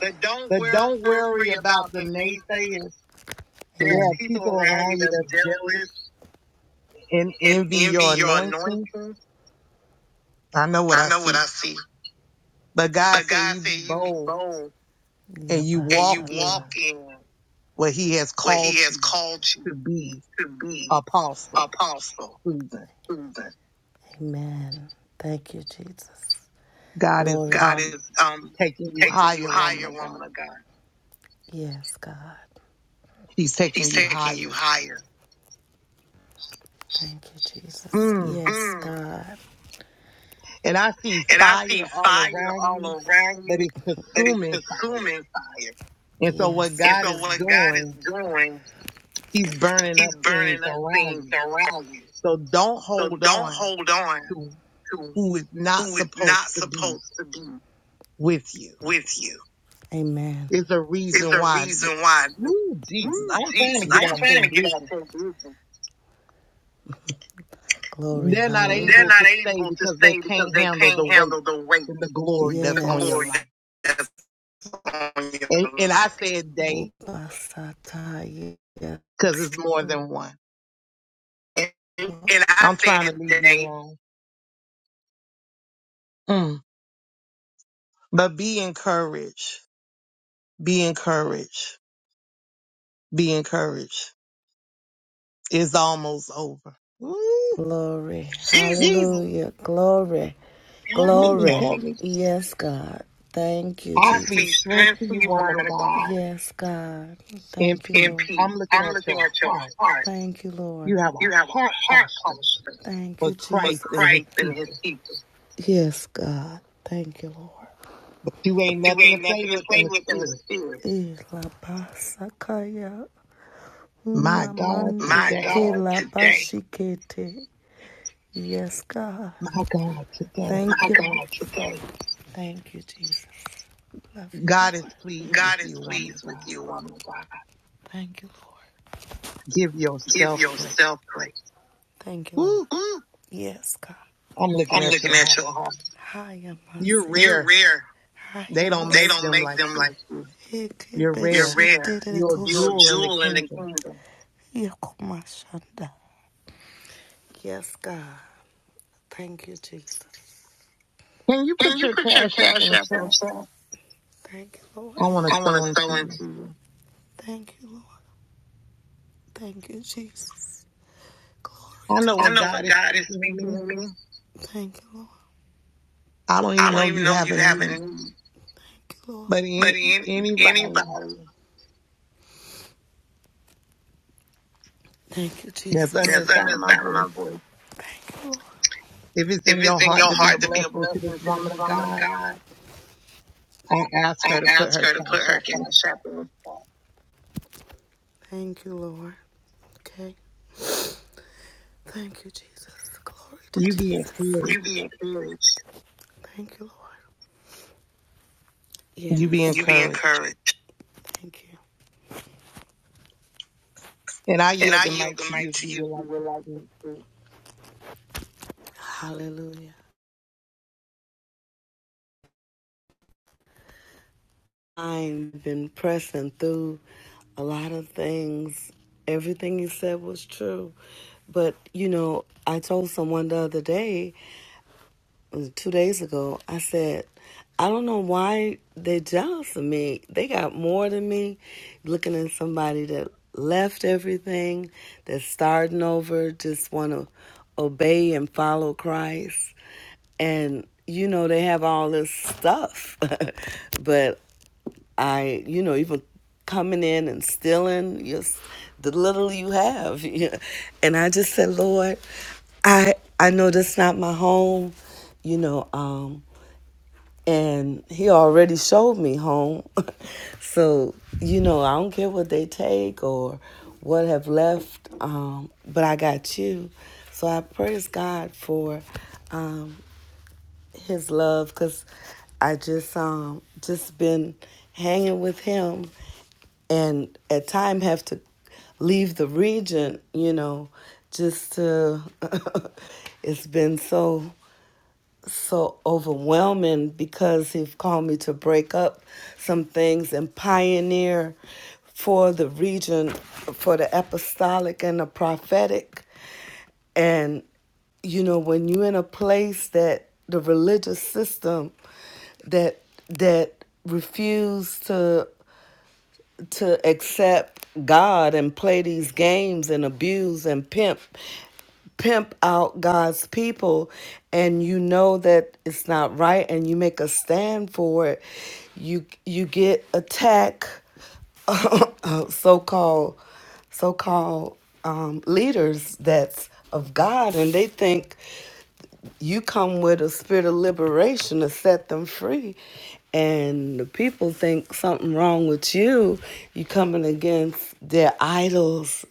But don't but don't worry worry about about the the naysayers. naysayers. There There are are people people around you around you that's that's jealous jealous and and envy envy your your anointing. anointing. I know what I I know what see. I see. But God But said God you be said you be bold bold Yeah, and you and walk you in walk in what he has where called he has you called you to be to be apostle. apostle. Susan. Amen. Thank you, Jesus. God is Glory. God um is um, taking you taking you higher, woman higher, of God. woman of God. Yes, God. He's He's taking you taking you higher. higher. Thank you, Jesus. Mm. Yes, Mm. God. And I see And I see fire all fire around all you, around but you, it's but it's consuming fire. consuming fire. And so what Yes, And so, God is what God is doing, doing, he's burning up He's things burning up around things you. around you. So don't So, hold don't on hold on to. to who is not who is supposed not to be supposed to be with you. with you. Amen. It's a Is reason a why. reason why. Ooh, Jesus, Ooh, I'm trying to Jesus, get I'm out there. trying to get out Jesus. to this. Glory. They're not Hallelujah. They're able not to stay able to because they stay because can't they handle can't the weight handle the weight, and the glory Yes. that's the on your glory life. Yes. that's on And your and I life. said they Yes. because it's more than one. And, and I I'm trying to said, leave you today, alone. Mm. But be encouraged. Be encouraged. Be encouraged. It's almost over. Ooh, Glory. Jesus Jesus, Hallelujah. glory, help me, help Glory. me. Yes, God. Thank you, I I Jesus. speak speak strength strength to to you, you, woman of woman of God. God, Yes, God. in Thank you, In peace. Lord. I'm peace. looking I'm at looking your at your heart. heart. Thank you, You Lord. have a You have a heart heart posture posture Thank for you, for Jesus. Christ For and his Christ and his people. people. Yes, God. Thank you, Lord. But you ain't You nothing to ain't play nothing to with in play the with in the spirit. spirit. Eh, My God, My today, God, today. Yes, God. My my God, today, Thank My you, Lord. God, today. Thank you, Jesus. Love you, God is Lord. pleased with God is you, woman of pleased God. with you, woman of God. Thank you, Lord. Give Give yourself grace. yourself grace. Thank you, Lord. Woo! Mm. Yes, God. I'm looking I'm at looking your at heart. your heart. home. Hiya, You're Masi. You're rare. rare. I They am Hiya, don't They make don't them make like them you. like you. You're You're rare. rare. You're a You're a jewel in the jewel in the kingdom. kingdom. Yakumashanda. Yes, God. Thank you, Jesus. Can you Can put you your put your cash app in cash the app in the chat? chat? Thank you, Lord. I want to I want to sow into sow you. into you. Thank you, Lord. Thank you, Jesus. Glory I to know God. I what know God what is God is speaking to speaking me. to me. Thank you, Lord. I don't I even don't know even you know have you a have any. need, Thank you, Lord. but But any, any, anybody anybody. Thank you, that's Jesus. under the Yes, I'm sound of inside my of voice, my voice. Thank you, Lord. if it's in If your it's in heart your to be a heart to be a blessing to this blessing to woman this of woman of God, God, I ask her I to put ask her her to put cash her app in the cash app chat. in the spot. Thank you, Lord. Okay. Thank you, Jesus. Glory You to be Jesus. You encouraged. be encouraged. Thank you, Lord. You be Yes. You be encouraged. encouraged. Thank you. And I And yield I the yield mic the to you mic if to you you if would you like would to like to. speak. speak. Hallelujah. I've been pressing through a lot of things. Everything you said was true. But, you know, I told someone the other day, two days ago, I said, I don't know why they're jealous of me. They got more than me. Looking at somebody that left everything, that's starting over, just want to obey and follow Christ. And, you know, they have all this stuff. [laughs] but I, you know, even coming in and stealing your, the little you have. [laughs] Yeah. And I just said, Lord, I I know that's not my home, you know. Um, and He already showed me home, [laughs] so you know I don't care what they take or what have left. Um, but I got you, so I praise God for His love because I just um just been hanging with Him and at time have to leave the region you know just to [laughs] it's been so so overwhelming because he's called me to break up some things and pioneer for the region for the apostolic and the prophetic and you know when you're in a place that the religious system that that refuse to to accept God and play these games and abuse and pimp pimp out God's people and you know that it's not right and you make a stand for it you you get attack [laughs] so-called so-called um, leaders that's of God and they think you come with a spirit of liberation to set them free and the people think something wrong with you you are coming against their idols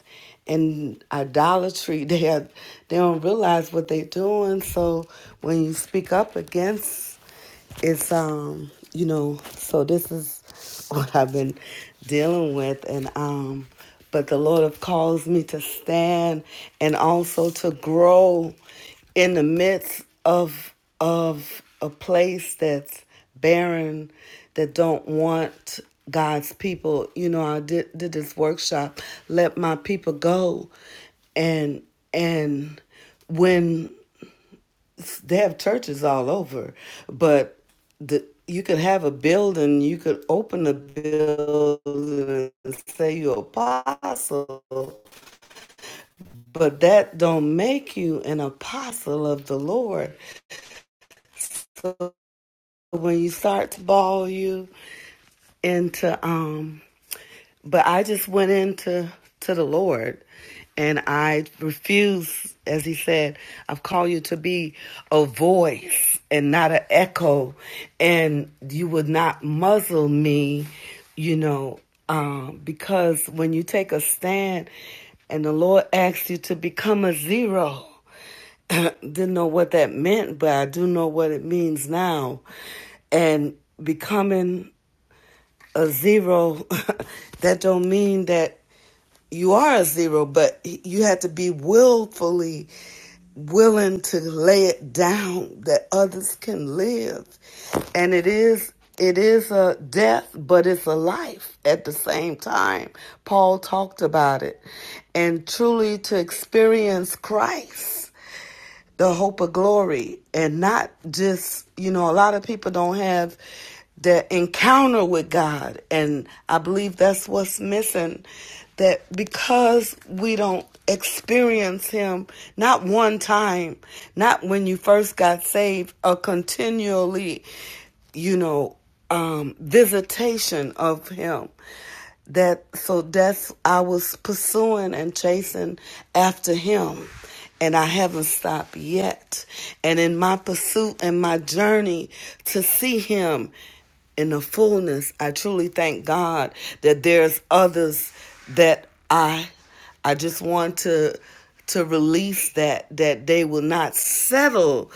and idolatry [laughs] they are, they don't realize what they're doing so when you speak up against it's um you know so this is [laughs] what i've been dealing with and um but the lord have caused me to stand and also to grow in the midst of of a place that's barren that don't want God's people. You know, I did did this workshop, let my people go and and when they have churches all over, but the you could have a building, you could open a building and say you're apostle, but that don't make you an apostle of the Lord when you start to ball you into um but i just went into to the lord and i refuse as he said i've called you to be a voice and not an echo and you would not muzzle me you know um because when you take a stand and the lord asks you to become a zero didn't know what that meant but i do know what it means now and becoming a zero, [laughs] that don't mean that you are a zero, but you have to be willfully willing to lay it down that others can live. And it is it is a death, but it's a life at the same time. Paul talked about it. And truly to experience Christ, the hope of glory, and not just, you know, a lot of people have the encounter with God. And I believe that's what's missing. That because we don't experience Him, not one time, not when you first got saved, or continually, you know, um, visitation of Him. That so that's I was pursuing and chasing after Him and I haven't stopped yet. And in my pursuit and my journey to see Him in the fullness, I truly thank God that there's others that I I just want to to release that that they will not settle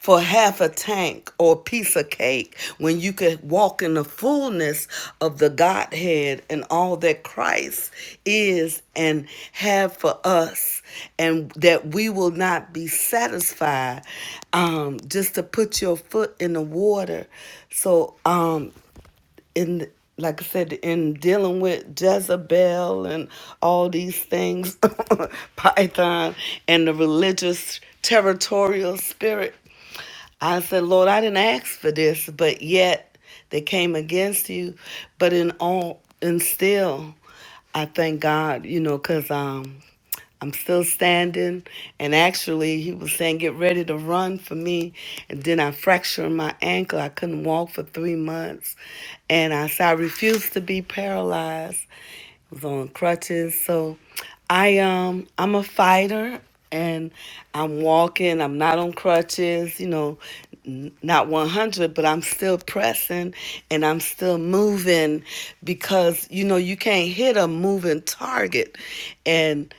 for half a tank or a piece of cake when you could walk in the fullness of the Godhead and all that Christ is and have for us and that we will not be satisfied um, just to put your foot in the water so um, in like I said, in dealing with Jezebel and all these things, [laughs] Python and the religious territorial spirit. I said, Lord, I didn't ask for this, but yet they came against you. But in all and still I thank God, you know, because um, I'm still standing. And actually, he was saying, get ready to run for me. And then I fractured my ankle. I couldn't walk for three months and I said I refuse to be paralyzed. I was on crutches, so I um I'm a fighter, and I'm walking. I'm not on crutches, you know, n- not 100, but I'm still pressing and I'm still moving because you know you can't hit a moving target. And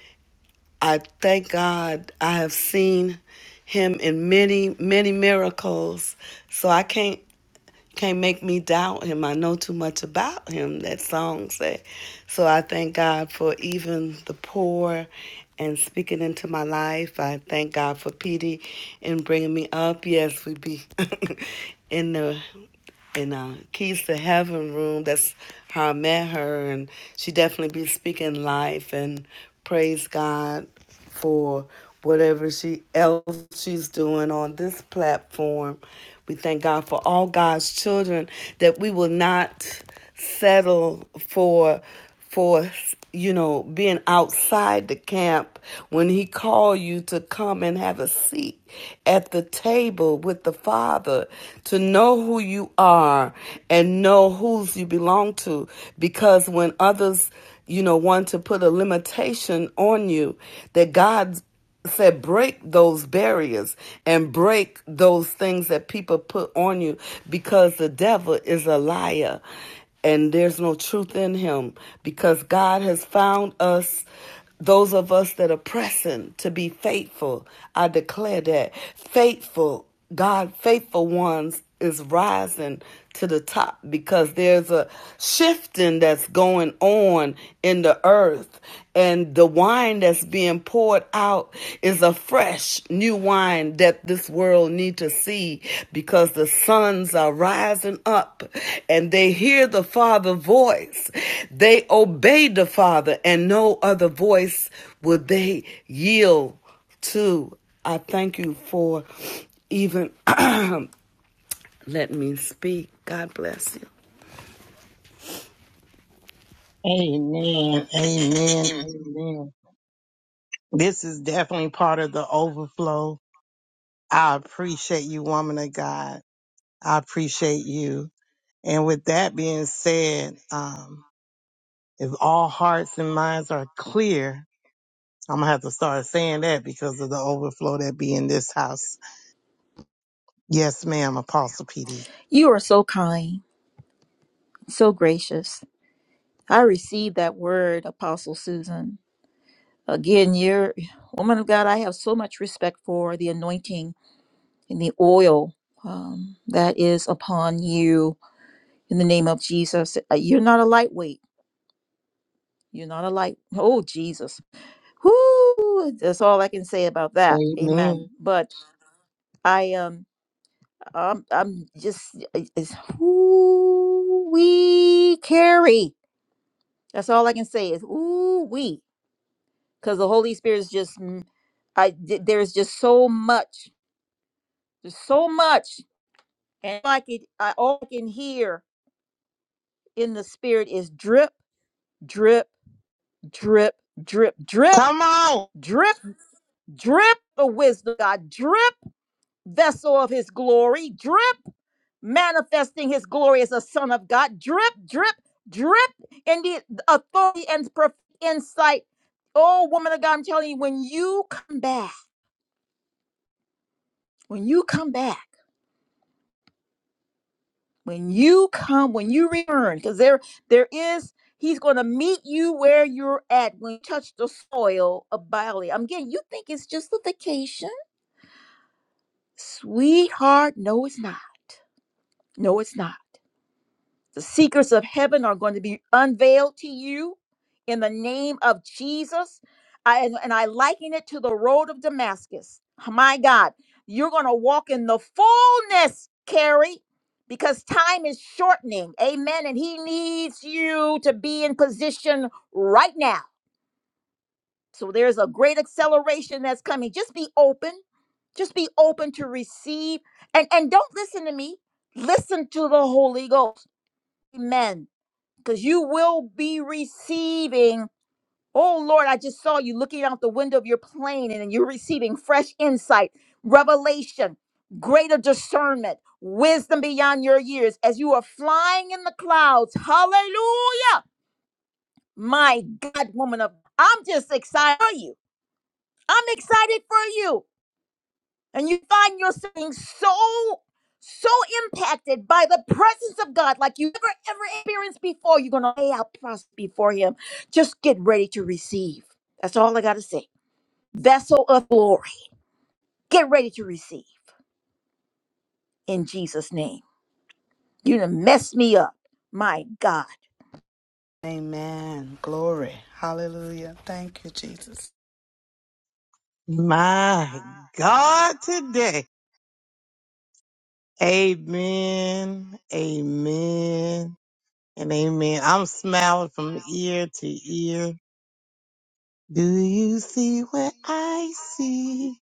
I thank God I have seen Him in many many miracles, so I can't can't make me doubt him. I know too much about him, that song said. So I thank God for even the poor and speaking into my life. I thank God for Petey and bringing me up. Yes, we be [laughs] in the in uh, Keys to Heaven room. That's how I met her, and she definitely be speaking life and praise God for whatever she else she's doing on this platform. We thank God for all God's children that we will not settle for for you know being outside the camp when he called you to come and have a seat at the table with the Father, to know who you are and know whose you belong to. Because when others, you know, want to put a limitation on you, that God said break those barriers and break those things that people put on you because the devil is a liar and there's no truth in him because God has found us those of us that are pressing to be faithful, I declare that faithful, God, faithful ones is rising to the top because there's a shifting that's going on in the earth and the wine that's being poured out is a fresh new wine that this world need to see because the sons are rising up and they hear the Father's voice they obey the father and no other voice will they yield to i thank you for even let me speak god bless you Amen. Amen. Amen. Amen. This is definitely part of the overflow. I appreciate you, woman of God. I appreciate you. And with that being said, um, if all hearts and minds are clear, I'm gonna have to start saying that because of the overflow that be in this house. Yes, ma'am, Apostle PD. Amen. Come on. amen glory hallelujah thank you jesus My God today. Amen. Amen. And amen. I'm smiling from ear to ear. Do you see what I see?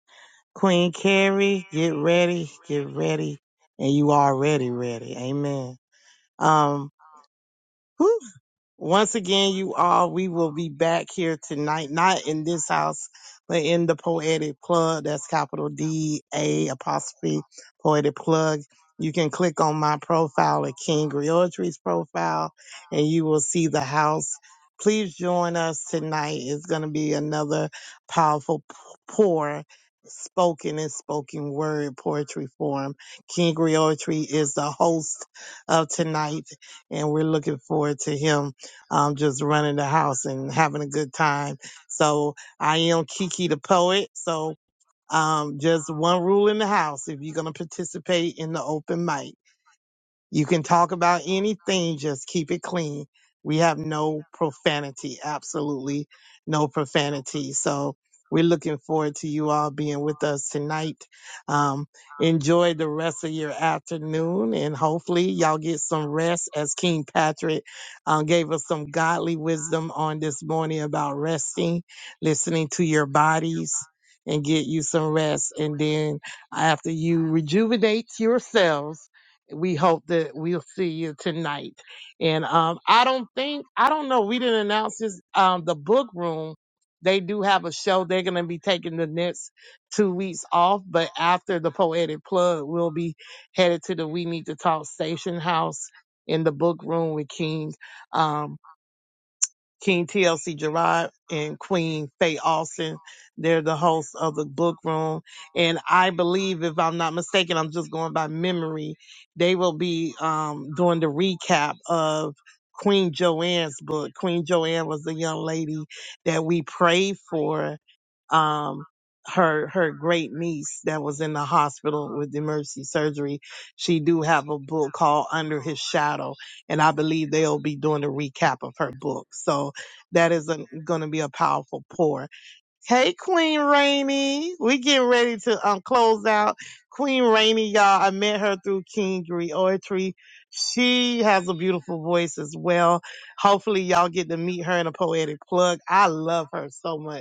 Queen Carrie, get ready, get ready. And you already ready. Amen. Um, Woo! Once again, you all, we will be back here tonight, not in this house, but in the Poetic Plug. That's capital D A apostrophe Poetic Plug. You can click on my profile at King Griotry's profile and you will see the house. Please join us tonight. It's going to be another powerful p- pour spoken and spoken word poetry form. King Griotry is the host of tonight and we're looking forward to him um, just running the house and having a good time. So I am Kiki the poet. So um, just one rule in the house: if you're gonna participate in the open mic. You can talk about anything, just keep it clean. We have no profanity, absolutely no profanity. So we're looking forward to you all being with us tonight. Um, enjoy the rest of your afternoon and hopefully y'all get some rest as King Patrick um, gave us some godly wisdom on this morning about resting, listening to your bodies and get you some rest. And then after you rejuvenate yourselves, we hope that we'll see you tonight. And um, I don't think I don't know. We didn't announce this. Um, the book room. They do have a show. They're gonna be taking the next two weeks off, but after the poetic plug, we'll be headed to the We Need to Talk Station House in the book room with King. Um, King TLC Gerard and Queen Faye Austin. They're the hosts of the book room. And I believe, if I'm not mistaken, I'm just going by memory, they will be um, doing the recap of Queen Joanne's book. Queen Joanne was the young lady that we prayed for um her her great niece that was in the hospital with emergency surgery she do have a book called under his shadow and i believe they'll be doing a recap of her book so that is going to be a powerful pour hey queen rainey we getting ready to um, close out queen rainey y'all i met her through king Oratory. she has a beautiful voice as well hopefully y'all get to meet her in a poetic plug i love her so much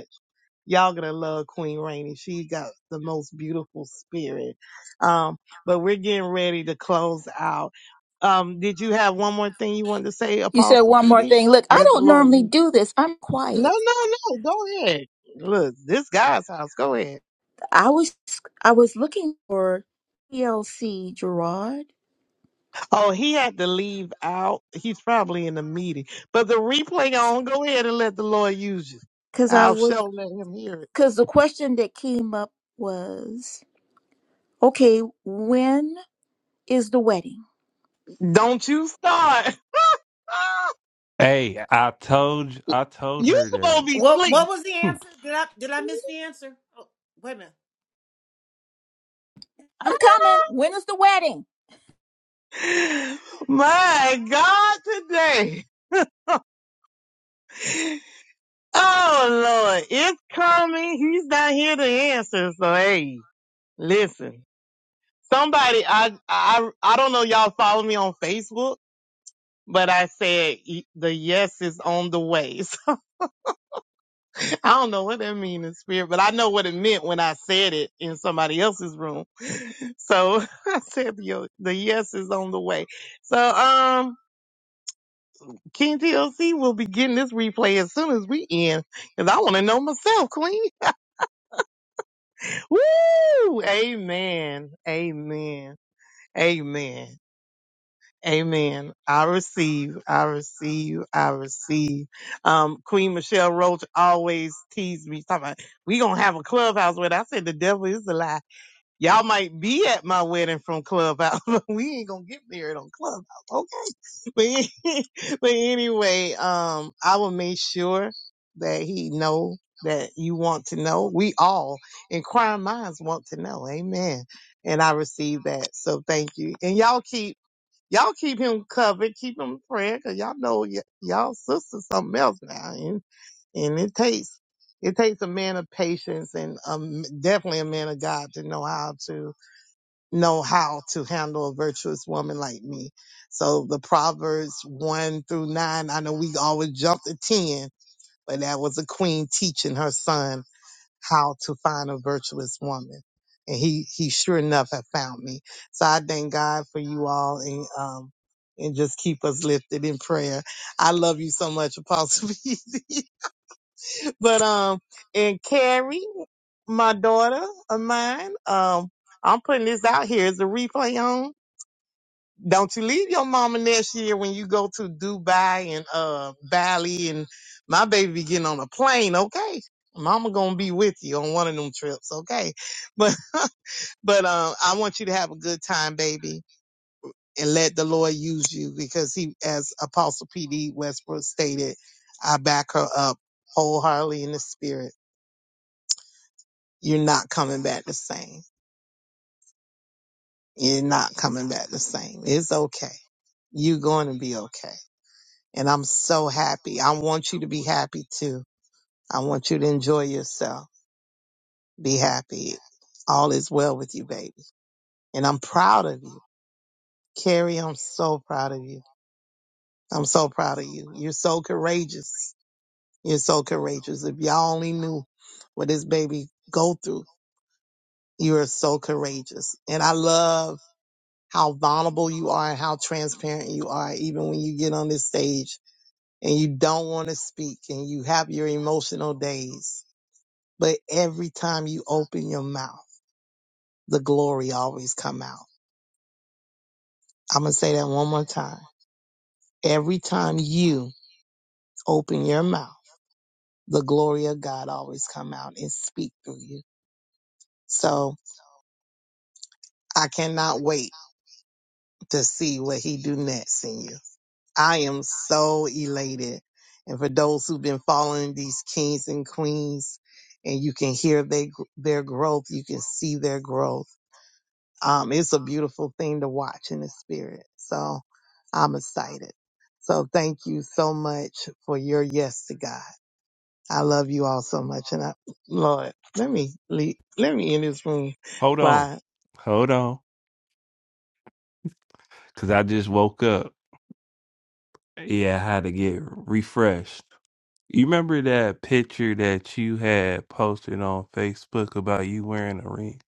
Y'all gonna love Queen Rainey. She got the most beautiful spirit. Um, but we're getting ready to close out. Um, did you have one more thing you wanted to say, Apostle PD? Let the Lord. use- you. No, no, no. Go ahead. Look, this guy's house. Go ahead. Oh, he had to leave out. He's probably in a meeting. But the replay on. Go ahead and let the Lord use you. I'll show let him hear it. Don't you start. [laughs] Hey, I told I told you her supposed to that. be What what asleep. was the [laughs] answer? Did I did I miss the answer? Oh, wait a minute. My God, today. [laughs] oh Lord, it's coming. He's not here to answer. So hey, listen. Somebody, I, I, I don't know. Y'all follow me on Facebook, but I said e- the yes is on the way. [laughs] So, I don't know what that means in spirit, but I know what it meant when I said it in somebody else's room. So [laughs] I said the, the yes is on the way. So um. King TLC will be getting this replay as soon as we end, because I want to know myself, Queen. [laughs] Woo! Amen. Amen. Amen. Amen. I receive. I receive. I receive. Um, Queen Michelle Roach always teased me, talking about, we gonna have a clubhouse with. I said the devil is a lie. Y'all might be at my wedding from Clubhouse, [laughs] but we ain't gonna get married on Clubhouse, okay? [laughs] But, [laughs] but anyway, um, I will make sure that he know that you want to know. We all, inquiring minds, want to know. Amen. And I receive that, so thank you. And y'all keep y'all keep him covered, keep him in prayer, cause y'all know y- y'all sister something else now, and and it takes it takes a man of patience and um, definitely a man of God to know how to know how to handle a virtuous woman like me. So the Proverbs 1 through 9, I know we always jump to 10, but that was a queen teaching her son how to find a virtuous woman. And he, he sure enough had found me. So I thank God for you all and, um, and just keep us lifted in prayer. I love you so much, Apostle. [laughs] Beasley. but, um, and Carrie, my daughter of mine, um, I'm putting this out here. Is the replay on? Don't you leave your mama next year when you go to Dubai and uh Bali and my baby be getting on a plane, okay? Mama gonna be with you on one of them trips, okay? But [laughs] but um I want you to have a good time, baby, and let the Lord use you because he as Apostle P D Westbrook stated, I back her up wholeheartedly in the spirit. You're not coming back the same. You're not coming back the same. It's okay. You're going to be okay and I'm so happy. I want you to be happy too. I want you to enjoy yourself. Be happy. All is well with you, baby. And I'm proud of you. Carrie, I'm so proud of you. I'm so proud of you. You're so courageous. You're so courageous. If y'all only knew what this baby go through, you are so courageous. And I love how vulnerable you are and how transparent you are, even when you get on this stage and you don't want to speak and you have your emotional days But every time you open your mouth, the glory always come out. I'm going to say that one more time. Every time you open your mouth, the glory of God always come out and speak through you. So I cannot wait to see what he do next in you. I am so elated. And for those who've been following these kings and queens and you can hear they, their growth, you can see their growth um, it's a beautiful thing to watch in the spirit. So I'm excited. So thank you so much for your yes to God. I love you all so much. And I, Lord, let me, leave, let me in this room. Hold on. Why? Hold on. Cause I just woke up. Yeah, I had to get refreshed. You remember that picture that you had posted on Facebook about you wearing a ring?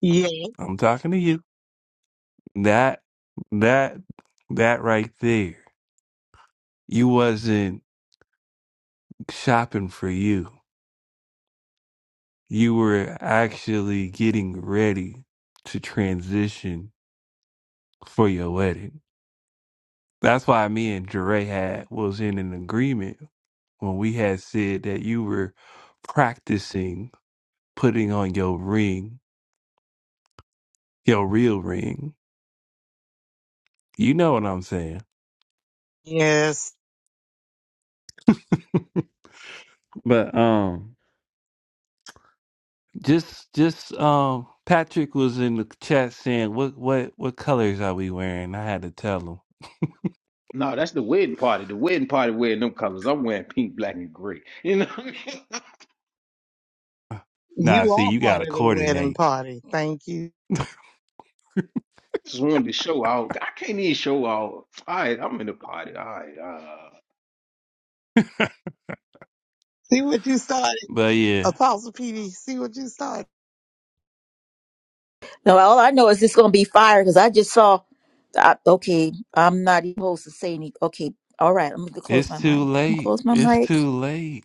Yeah, I'm talking to you. That that that right there. You wasn't shopping for you. You were actually getting ready to transition for your wedding. That's why me and Dre had was in an agreement when we had said that you were practicing putting on your ring, your real ring. You know what I'm saying. yes, But um just just um Patrick was in the chat saying what what what colors are we wearing? I had to tell him. No, that's the wedding party. The wedding party wearing them colors. I'm wearing pink, black, and gray. [laughs] You know what I mean? [laughs] I Nah, you see are you part gotta of the wedding coordinate. party. Thank you. just wanted to show out. I can't even show out. All right, I'm in the party. All right, uh, See what you started, But yeah, Apostle PD. See what you started. it's too late. It's too late.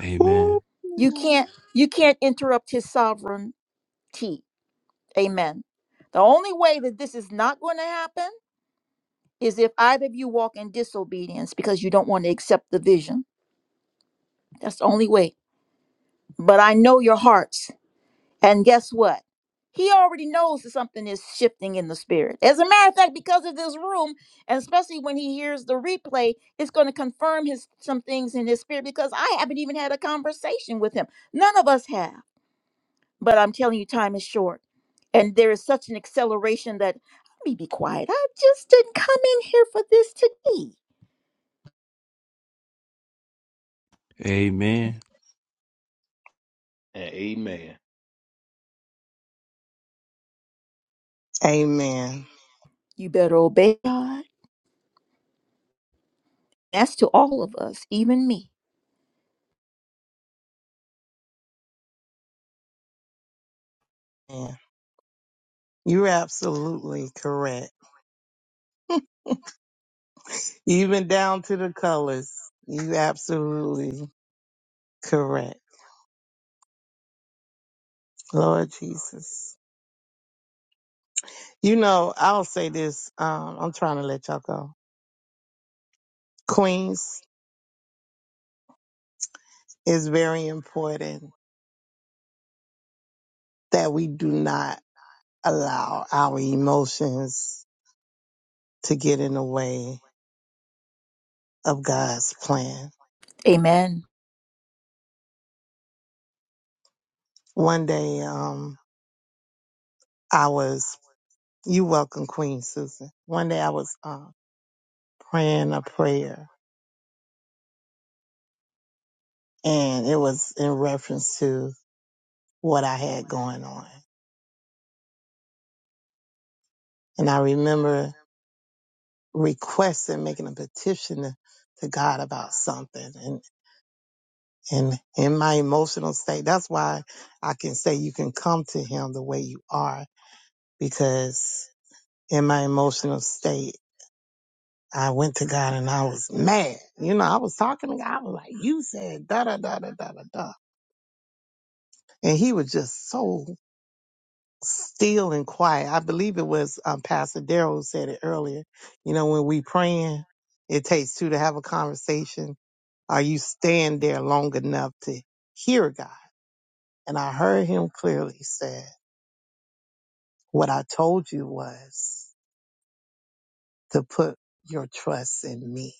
Amen. Ooh. Amen. and amen. Amen. Yeah, you're absolutely correct. Even down to the colors. You absolutely correct. Lord Jesus. You know, I'll say this. Um, I'm trying to let y'all go. Queens is very important that we do not allow our emotions to get in the way of God's plan. One day, um, I was, you welcome Queen Susan. One day I was, um, praying a prayer and it was in reference to what I had going on. And I remember requesting, making a petition to, to God about something. And, and in my emotional state, that's why I can say you can come to Him the way you are, because in my emotional state, I went to God and I was mad. You know, I was talking to God. I was like, you said da da da da da da da. And he was just so still and quiet. I believe it was um, Pastor Daryl who said it earlier. You know, when we praying, it takes two to have a conversation Are you staying there long enough to hear God? And I heard him clearly He said, what I told you was to put your trust in me.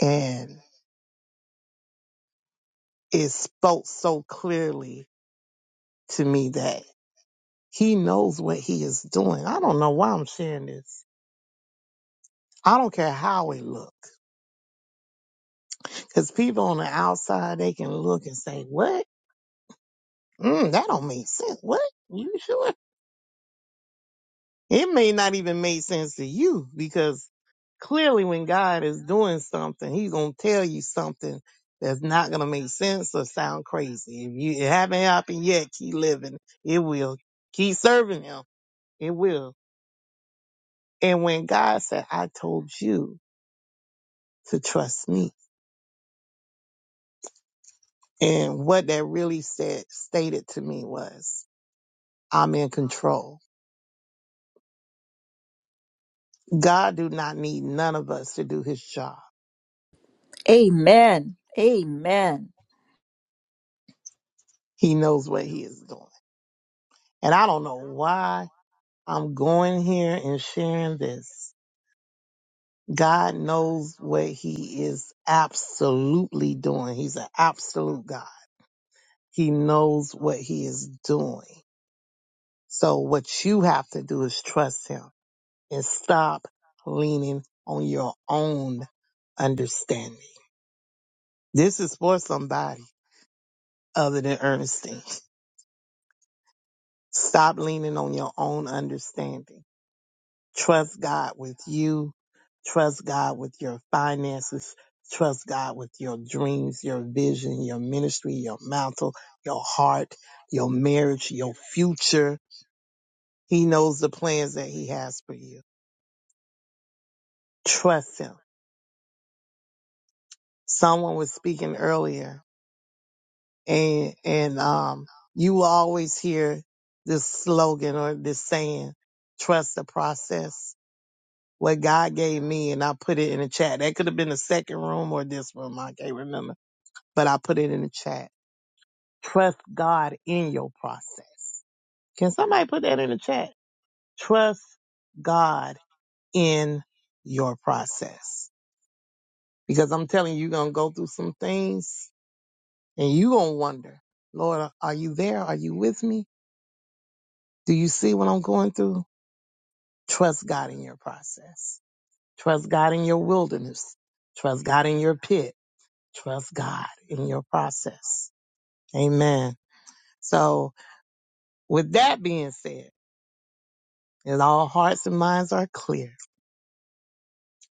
And it spoke so clearly to me that he knows what he is doing. I don't know why I'm sharing this. I don't care how it look. Cause people on the outside, they can look and say, what? Mm, that don't make sense. What? You sure? It may not even make sense to you because clearly when God is doing something, he's going to tell you something that's not going to make sense or sound crazy. If you it haven't happened yet, keep living. It will. Keep serving him. It will. And when God said, I told you to trust me. And what that really said, stated to me was, I'm in control. God do not need none of us to do his job. He knows what he is doing. And I don't know why I'm going here and sharing this. God knows what he is absolutely doing. He's an absolute God. He knows what he is doing. So what you have to do is trust him and stop leaning on your own understanding. This is for somebody other than Ernestine. Stop leaning on your own understanding Trust God with you. Trust God with your finances. Trust God with your dreams, your vision, your ministry, your mantle, your heart, your marriage, your future. He knows the plans that he has for you. Trust him. Someone was speaking earlier and, and, um, you will always hear this slogan or this saying, trust the process what God gave me, and I put it in the chat. That could have been the second room or this room. I can't remember but I put it in the chat. Trust God in your process. Can somebody put that in the chat? Trust God in your process. Because I'm telling you, you're going to go through some things and you're going to wonder, Lord, are you there? Are you with me? Do you see what I'm going through? Trust God in your process. Trust God in your wilderness. Trust God in your pit. Trust God in your process. Amen. So with that being said, and all hearts and minds are clear,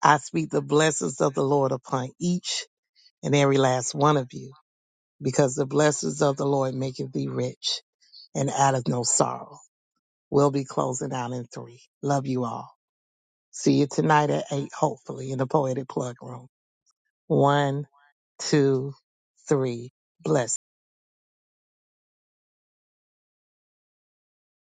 I speak the blessings of the Lord upon each and every last one of you, because the blessings of the Lord maketh thee rich and out of no sorrow. We'll be closing out in three. Love you all. See you tonight at eight, hopefully, in the Poetic Plug Room. One, two, three. Bless.